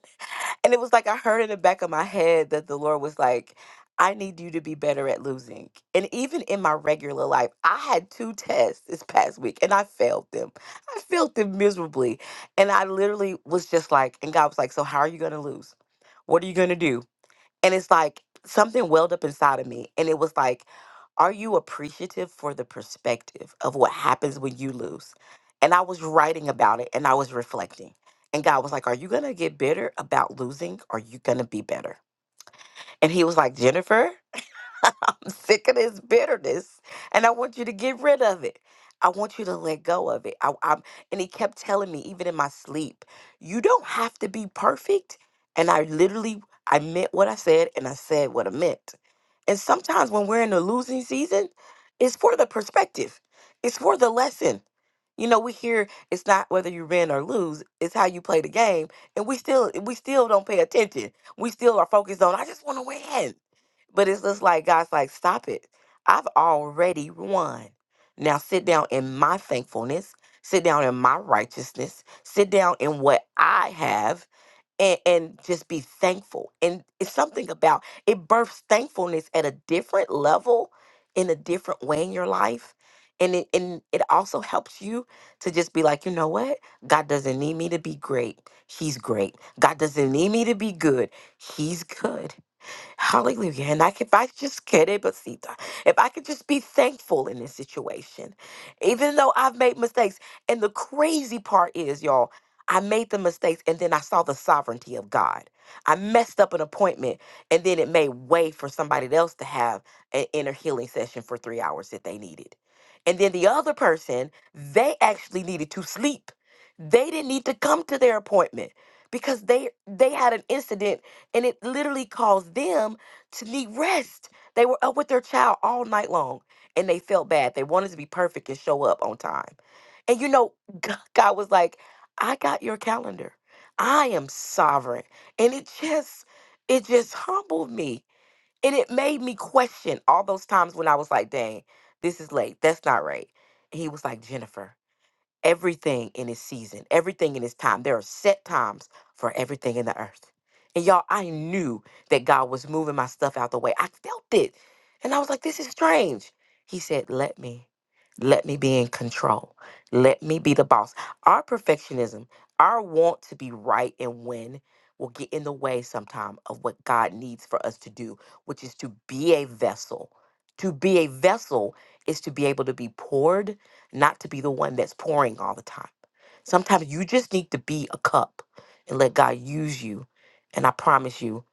S9: and it was like I heard in the back of my head that the Lord was like, I need you to be better at losing. And even in my regular life, I had two tests this past week and I failed them. I failed them miserably. And I literally was just like, and God was like, So, how are you going to lose? What are you going to do? And it's like something welled up inside of me. And it was like, are you appreciative for the perspective of what happens when you lose? And I was writing about it and I was reflecting. And God was like, Are you going to get bitter about losing? Or are you going to be better? And he was like, Jennifer, I'm sick of this bitterness and I want you to get rid of it. I want you to let go of it. I, I'm, and he kept telling me, even in my sleep, you don't have to be perfect. And I literally, I meant what I said and I said what I meant. And sometimes when we're in a losing season, it's for the perspective, it's for the lesson. You know, we hear it's not whether you win or lose, it's how you play the game. And we still we still don't pay attention. We still are focused on I just want to win. But it's just like God's like, stop it. I've already won. Now sit down in my thankfulness, sit down in my righteousness, sit down in what I have and, and just be thankful. And it's something about it births thankfulness at a different level in a different way in your life. And it and it also helps you to just be like, you know what? God doesn't need me to be great. He's great. God doesn't need me to be good. He's good. Hallelujah. And like if I just get it, but see, if I could just be thankful in this situation, even though I've made mistakes. And the crazy part is, y'all, I made the mistakes and then I saw the sovereignty of God. I messed up an appointment and then it made way for somebody else to have an inner healing session for three hours that they needed. And then the other person, they actually needed to sleep. They didn't need to come to their appointment because they they had an incident and it literally caused them to need rest. They were up with their child all night long and they felt bad. They wanted to be perfect and show up on time. And you know, G- God was like, I got your calendar. I am sovereign. And it just, it just humbled me. And it made me question all those times when I was like, dang, this is late. That's not right. And he was like, Jennifer everything in its season, everything in its time. There are set times for everything in the earth. And y'all, I knew that God was moving my stuff out the way. I felt it. And I was like, this is strange. He said, let me, let me be in control. Let me be the boss. Our perfectionism, our want to be right and win will get in the way sometime of what God needs for us to do, which is to be a vessel. To be a vessel is to be able to be poured not to be the one that's pouring all the time. Sometimes you just need to be a cup and let God use you. And I promise you,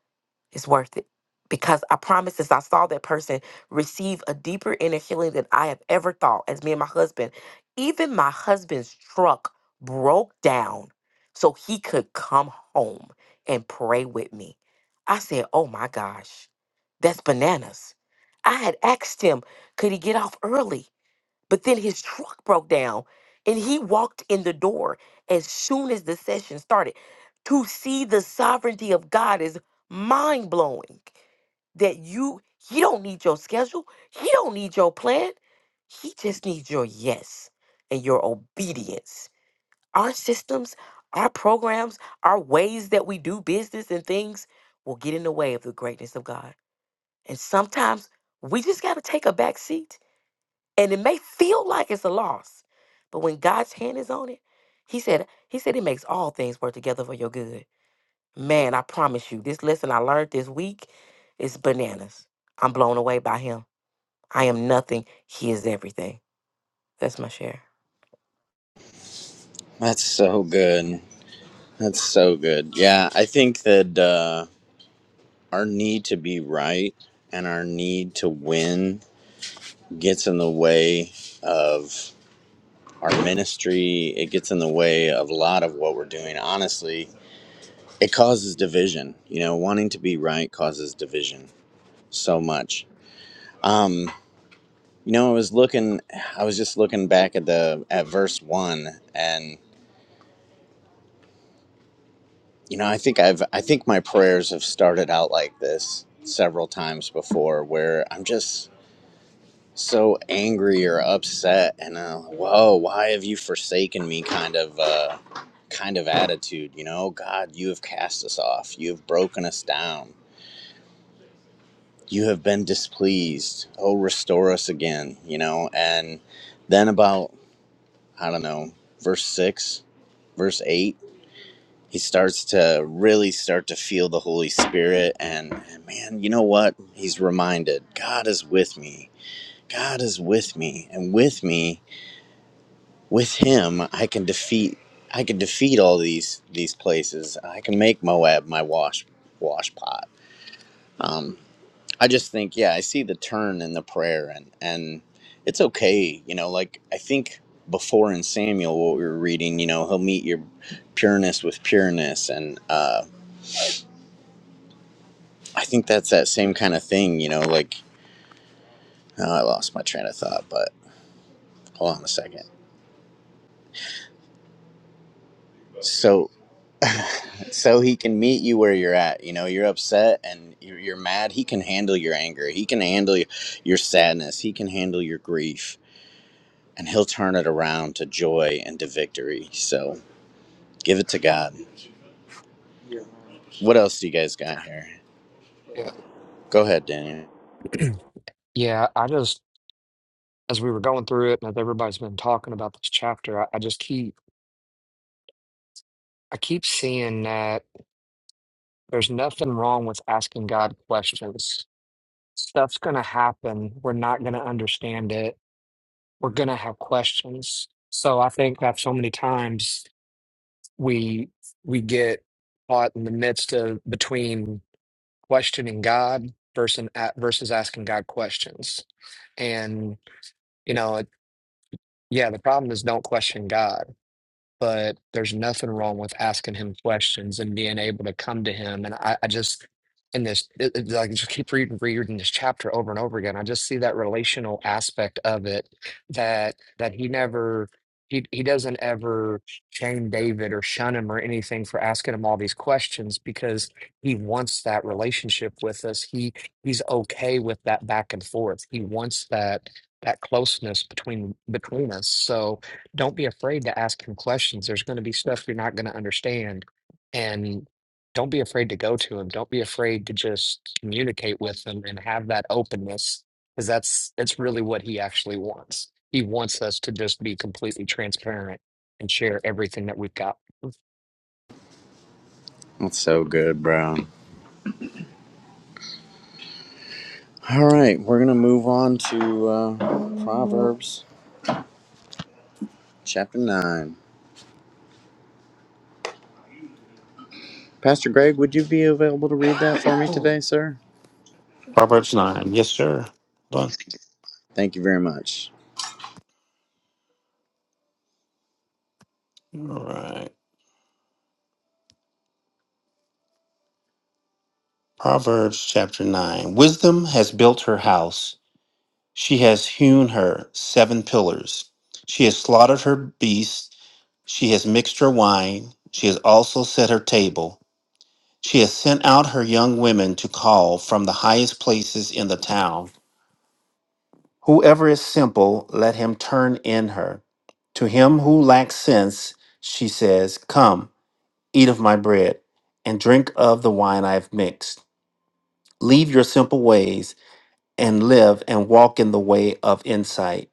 S9: it's worth it. Because I promise, as I saw that person receive a deeper inner healing than I have ever thought, as me and my husband, even my husband's truck broke down so he could come home and pray with me. I said, Oh my gosh, that's bananas. I had asked him, could he get off early? But then his truck broke down and he walked in the door as soon as the session started. To see the sovereignty of God is mind blowing that you, he don't need your schedule, he don't need your plan, he just needs your yes and your obedience. Our systems, our programs, our ways that we do business and things will get in the way of the greatness of God. And sometimes we just got to take a back seat and it may feel like it's a loss, but when God's hand is on it, he said, he said he makes all things work together for your good. Man, I promise you, this lesson I learned this week is bananas. I'm blown away by him. I am nothing. He is everything. That's my share.
S10: that's so good that's so good yeah i think that uh our need to be right and our need to win gets in the way of our ministry. It gets in the way of a lot of what we're doing. Honestly, it causes division. You know, wanting to be right causes division so much. Um, you know, I was looking. I was just looking back at the at verse one, and you know, I think I've I think my prayers have started out like this several times before, where I'm just so angry or upset and uh, whoa why have you forsaken me kind of uh, kind of attitude you know god you have cast us off you have broken us down you have been displeased oh restore us again you know and then about i don't know verse 6 verse 8 he starts to really start to feel the holy spirit and man you know what he's reminded god is with me god is with me and with me with him i can defeat i can defeat all these these places i can make moab my wash wash pot um i just think yeah i see the turn in the prayer and and it's okay you know like i think before in samuel what we were reading you know he'll meet your pureness with pureness and uh i think that's that same kind of thing you know like oh, i lost my train of thought but hold on a second So so he can meet you where you're at you know you're upset and you're, you're mad he can handle your anger he can handle your, your sadness he can handle your grief and he'll turn it around to joy and to victory so give it to god what else do you guys got here
S8: yeah
S10: go ahead daniel
S8: yeah i just as we were going through it and as everybody's been talking about this chapter i, I just keep i keep seeing that there's nothing wrong with asking god questions stuff's going to happen we're not going to understand it we're going to have questions so i think that so many times we we get caught in the midst of between questioning God versus a- versus asking God questions. And you know, it, yeah, the problem is don't question God but there's nothing wrong with asking him questions and being able to come to him. And I, I just in this it, it- like just keep reading reading this chapter over and over again. I just see that relational aspect of it that that he never he he doesn't ever shame David or shun him or anything for asking him all these questions because he wants that relationship with us. He he's okay with that back and forth. He wants that that closeness between between us. So don't be afraid to ask him questions. There's going to be stuff you're not going to understand. And don't be afraid to go to him. Don't be afraid to just communicate with him and have that openness because that's that's really what he actually wants. He wants us to just be completely transparent and share everything that we've got.
S10: that's so good bro all right we're gonna move on to uh, proverbs chapter 9 pastor greg would you be available to read that for me today sir
S12: Proverbs 9. Yes, sir. Hold
S10: thank you very much
S12: on. All right. Proverbs chapter 9. Wisdom has built her house. She has hewn her seven pillars. She has slaughtered her beasts. She has mixed her wine. She has also set her table. She has sent out her young women to call from the highest places in the town. Whoever is simple, let him turn in her. To him who lacks sense, she says, Come. eat of my bread, and drink of the wine I have mixed. Leave your simple ways and live and walk in the way of insight.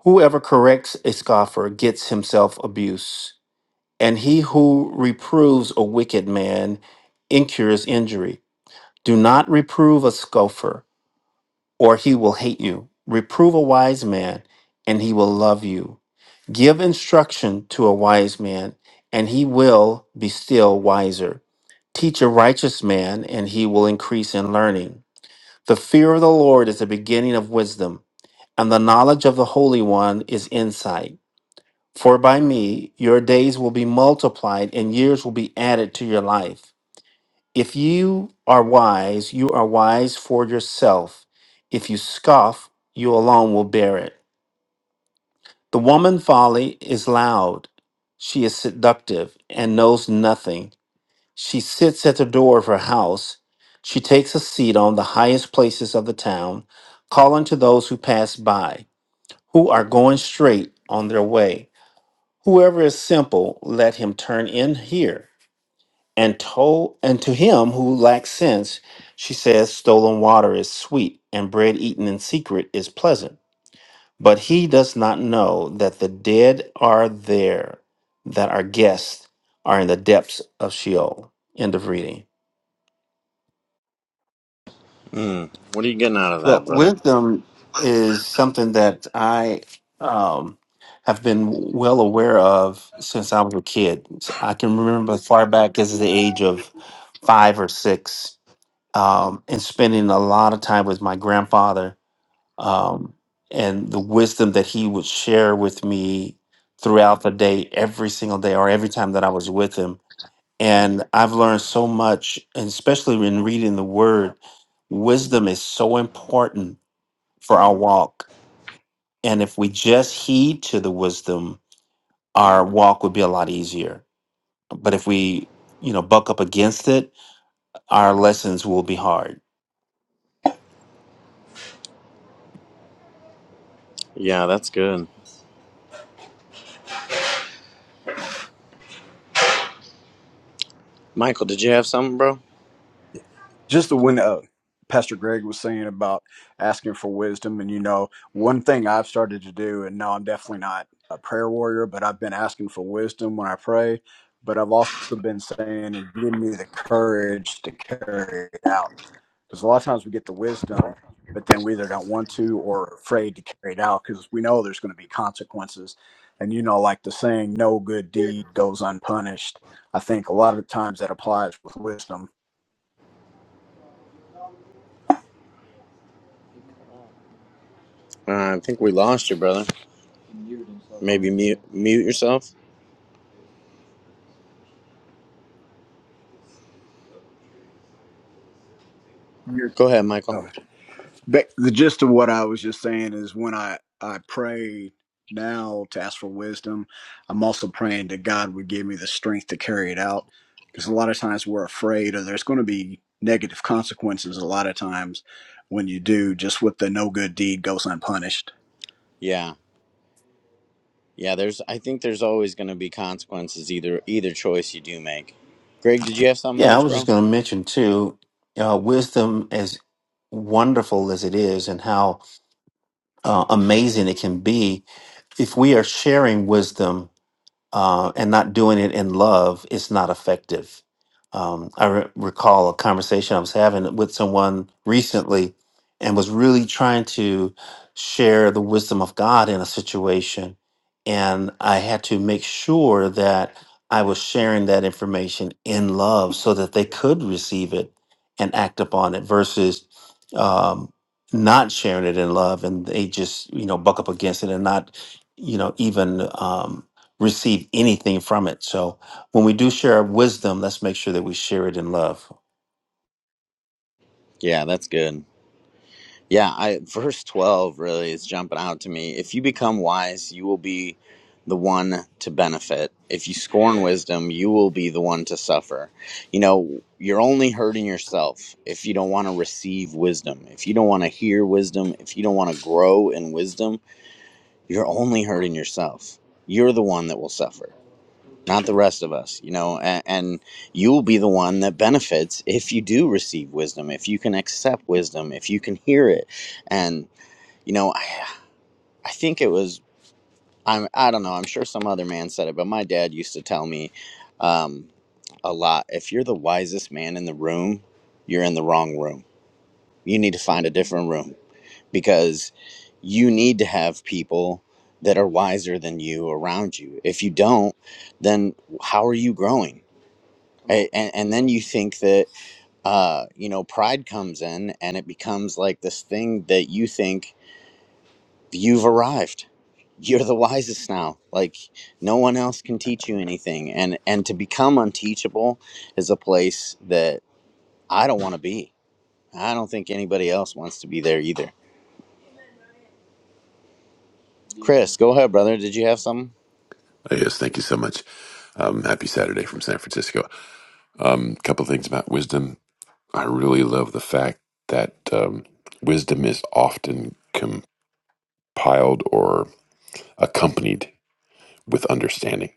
S12: Whoever corrects a scoffer gets himself abuse, and he who reproves a wicked man incurs injury. Do not reprove a scoffer or he will hate you. Reprove a wise man, and he will love you. Give instruction to a wise man, and he will be still wiser. Teach a righteous man, and he will increase in learning. The fear of the Lord is the beginning of wisdom, and the knowledge of the Holy One is insight. For by me your days will be multiplied, and years will be added to your life. If you are wise, you are wise for yourself. If you scoff, you alone will bear it. The woman folly is loud. She is seductive and knows nothing. She sits at the door of her house. She takes a seat on the highest places of the town, calling to those who pass by, who are going straight on their way. Whoever is simple, let him turn in here. and told and to him who lacks sense she says stolen water is sweet and bread eaten in secret is pleasant but he does not know that the dead are there that our guests are in the depths of sheol end of reading
S10: Mm, what are you getting out of
S12: well
S10: that brother
S12: wisdom is something that i um, have been well aware of since i was a kid So i can remember as far back as the age of five or six um, and spending a lot of time with my grandfather um, and the wisdom that he would share with me throughout the day, every single day, or every time that I was with him. And I've learned so much, and especially when reading the word, wisdom is so important for our walk. And if we just heed to the wisdom, our walk would be a lot easier. But if we, you know, buck up against it, our lessons will be hard.
S10: Yeah, that's good. Michael, did you have something, bro?
S11: Just the when uh, Pastor Greg was saying about asking for wisdom, and you know, one thing I've started to do, and no, I'm definitely not a prayer warrior, but I've been asking for wisdom when I pray. But I've also been saying, and give me the courage to carry it out because a lot of times we get the wisdom but then we either don't want to or are afraid to carry it out because we know there's going to be consequences and you know like the saying no good deed goes unpunished i think a lot of times that applies with wisdom
S10: Uh, I think we lost you, brother. Maybe mute mute yourself.
S11: Years.
S10: Go ahead, Michael.
S11: ago. Ba- The gist of what I was just saying is when I, I pray now to ask for wisdom, I'm also praying that God would give me the strength to carry it out. Because a lot of times we're afraid or there's going to be negative consequences a lot of times when you do, just with the no good deed goes unpunished.
S10: Yeah, yeah. There's. I think there's always going to be consequences either either choice you do make. Greg, did you have something
S12: Yeah, I
S10: else,
S12: was just
S10: bro?
S12: going to mention too, uh, wisdom, as wonderful as it is, and how uh, amazing it can be, if we are sharing wisdom uh, and not doing it in love is not effective. Um, I re- recall a conversation I was having with someone recently and was really trying to share the wisdom of God in a situation. And I had to make sure that I was sharing that information in love so that they could receive it and act upon it versus um, not sharing it in love and they just, you know, buck up against it and not you know even um, receive anything from it. So when we do share our wisdom, let's make sure that we share it in love.
S10: Yeah, that's good. Yeah, I verse 12 really is jumping out to me. If you become wise, you will be the one to benefit. If you scorn wisdom, you will be the one to suffer. You know, you're only hurting yourself if you don't want to receive wisdom. If you don't want to hear wisdom, if you don't want to grow in wisdom, you're only hurting yourself. You're the one that will suffer, not the rest of us, you know, and, and you'll be the one that benefits if you do receive wisdom, if you can accept wisdom, if you can hear it. And you know, I, I think it was I'm I don't know. I'm sure some other man said it, but my dad used to tell me um, a lot. If you're the wisest man in the room, you're in the wrong room. You need to find a different room because you need to have people that are wiser than you around you. If you don't, then how are you growing? A- And, and then you think that uh, you know pride comes in, and it becomes like this thing that you think you've arrived. You're the wisest now. Like no one else can teach you anything. And and to become unteachable is a place that I don't want to be. I don't think anybody else wants to be there either. Chris, go ahead, brother. Did you have something?
S13: Oh, yes, thank you so much. Um, happy Saturday from San Francisco. A um, couple things about wisdom. I really love the fact that um, wisdom is often compiled or accompanied with understanding.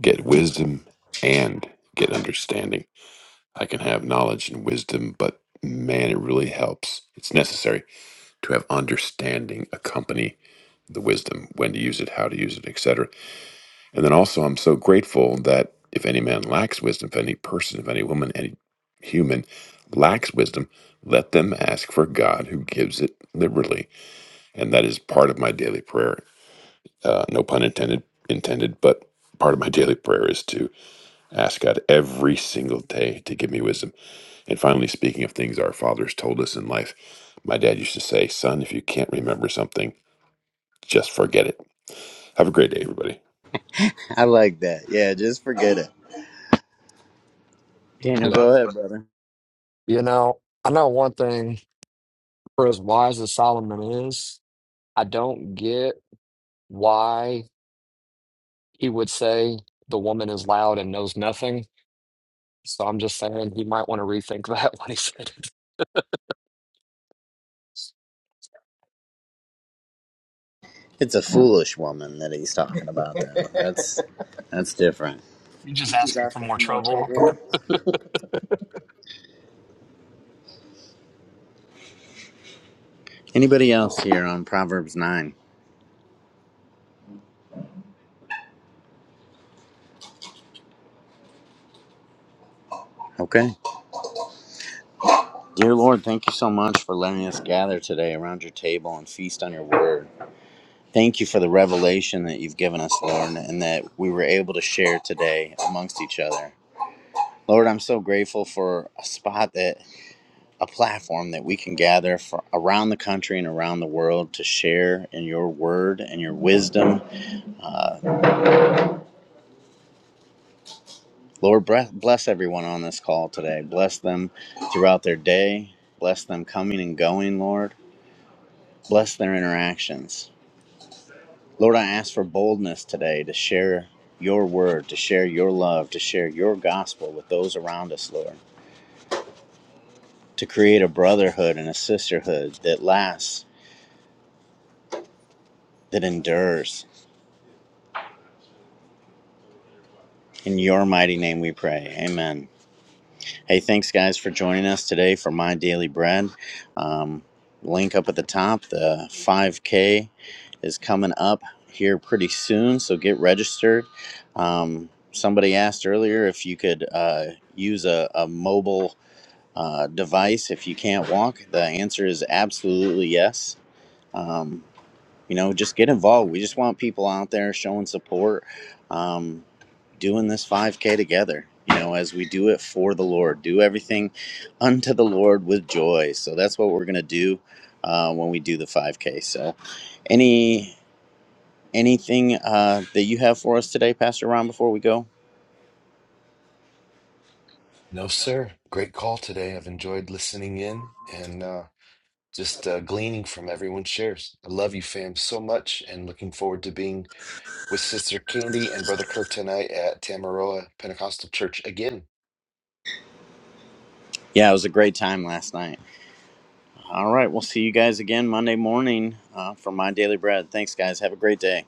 S13: Get
S10: Hmm,
S13: wisdom and get understanding. I can have knowledge and wisdom, but man, it really helps. It's necessary to have understanding accompany the wisdom, when to use it, how to use it, etc And then also, I'm so grateful that if any man lacks wisdom, if any person, if any woman, any human lacks wisdom, let them ask for God who gives it liberally. And that is part of my daily prayer. Uh, no pun intended, intended, but part of my daily prayer is to ask God every single day to give me wisdom. And finally, speaking of things our fathers told us in life, my dad used to say, Son, if you can't remember something, just forget it. Have a great day, everybody.
S10: I like that. Yeah, just forget it. Daniel,
S8: Yeah.
S10: go ahead, brother.
S8: You know, I know one thing for as wise as Solomon is, I don't get why he would say the woman is loud and knows nothing So I'm just saying he might want to rethink that when he said it.
S10: It's a foolish woman that he's talking about though. That's that's different.
S8: He just
S10: You just
S8: asking
S10: asked
S8: for more
S10: for more
S8: trouble.
S10: takeaway. Anybody else here on Proverbs 9? Okay. Dear Lord, thank you so much for letting us gather today around your table and feast on your word. Thank you for the revelation that you've given us, Lord, and that we were able to share today amongst each other. Lord, I'm so grateful for a spot that a platform that we can gather for around the country and around the world to share in your word and your wisdom. Uh, Lord, bre- bless everyone on this call today. Bless them throughout their day. Bless them coming and going, Lord. Bless their interactions. Lord, I ask for boldness today to share your word, to share your love, to share your gospel with those around us, Lord, to create a brotherhood and a sisterhood that lasts, that endures. In your mighty name we pray. Amen. Hey, thanks, guys, for joining us today for My Daily Bread. Um, link up at the top. The 5K is coming up here pretty soon, so get registered. Um, somebody asked earlier if you could uh, use a, a mobile uh, device if you can't walk? The answer is absolutely yes. Um, you know, just get involved. We just want people out there showing support, um, doing this 5K together, you know, as we do it for the Lord. Do everything unto the Lord with joy. So that's what we're going to do uh, when we do the 5K. So, any. Anything uh, that you have for us today, Pastor Ron, before we go?
S4: No, sir. Great call today. I've enjoyed listening in and uh, just uh, gleaning from everyone's shares. I love you, fam, so much, and looking forward to being with Sister Candy and Brother Kirk tonight at Tamaroa Pentecostal Church again.
S10: Yeah, it was a great time last night. All right. We'll see you guys again Monday morning uh, for My Daily Bread. Thanks, guys. Have a great day.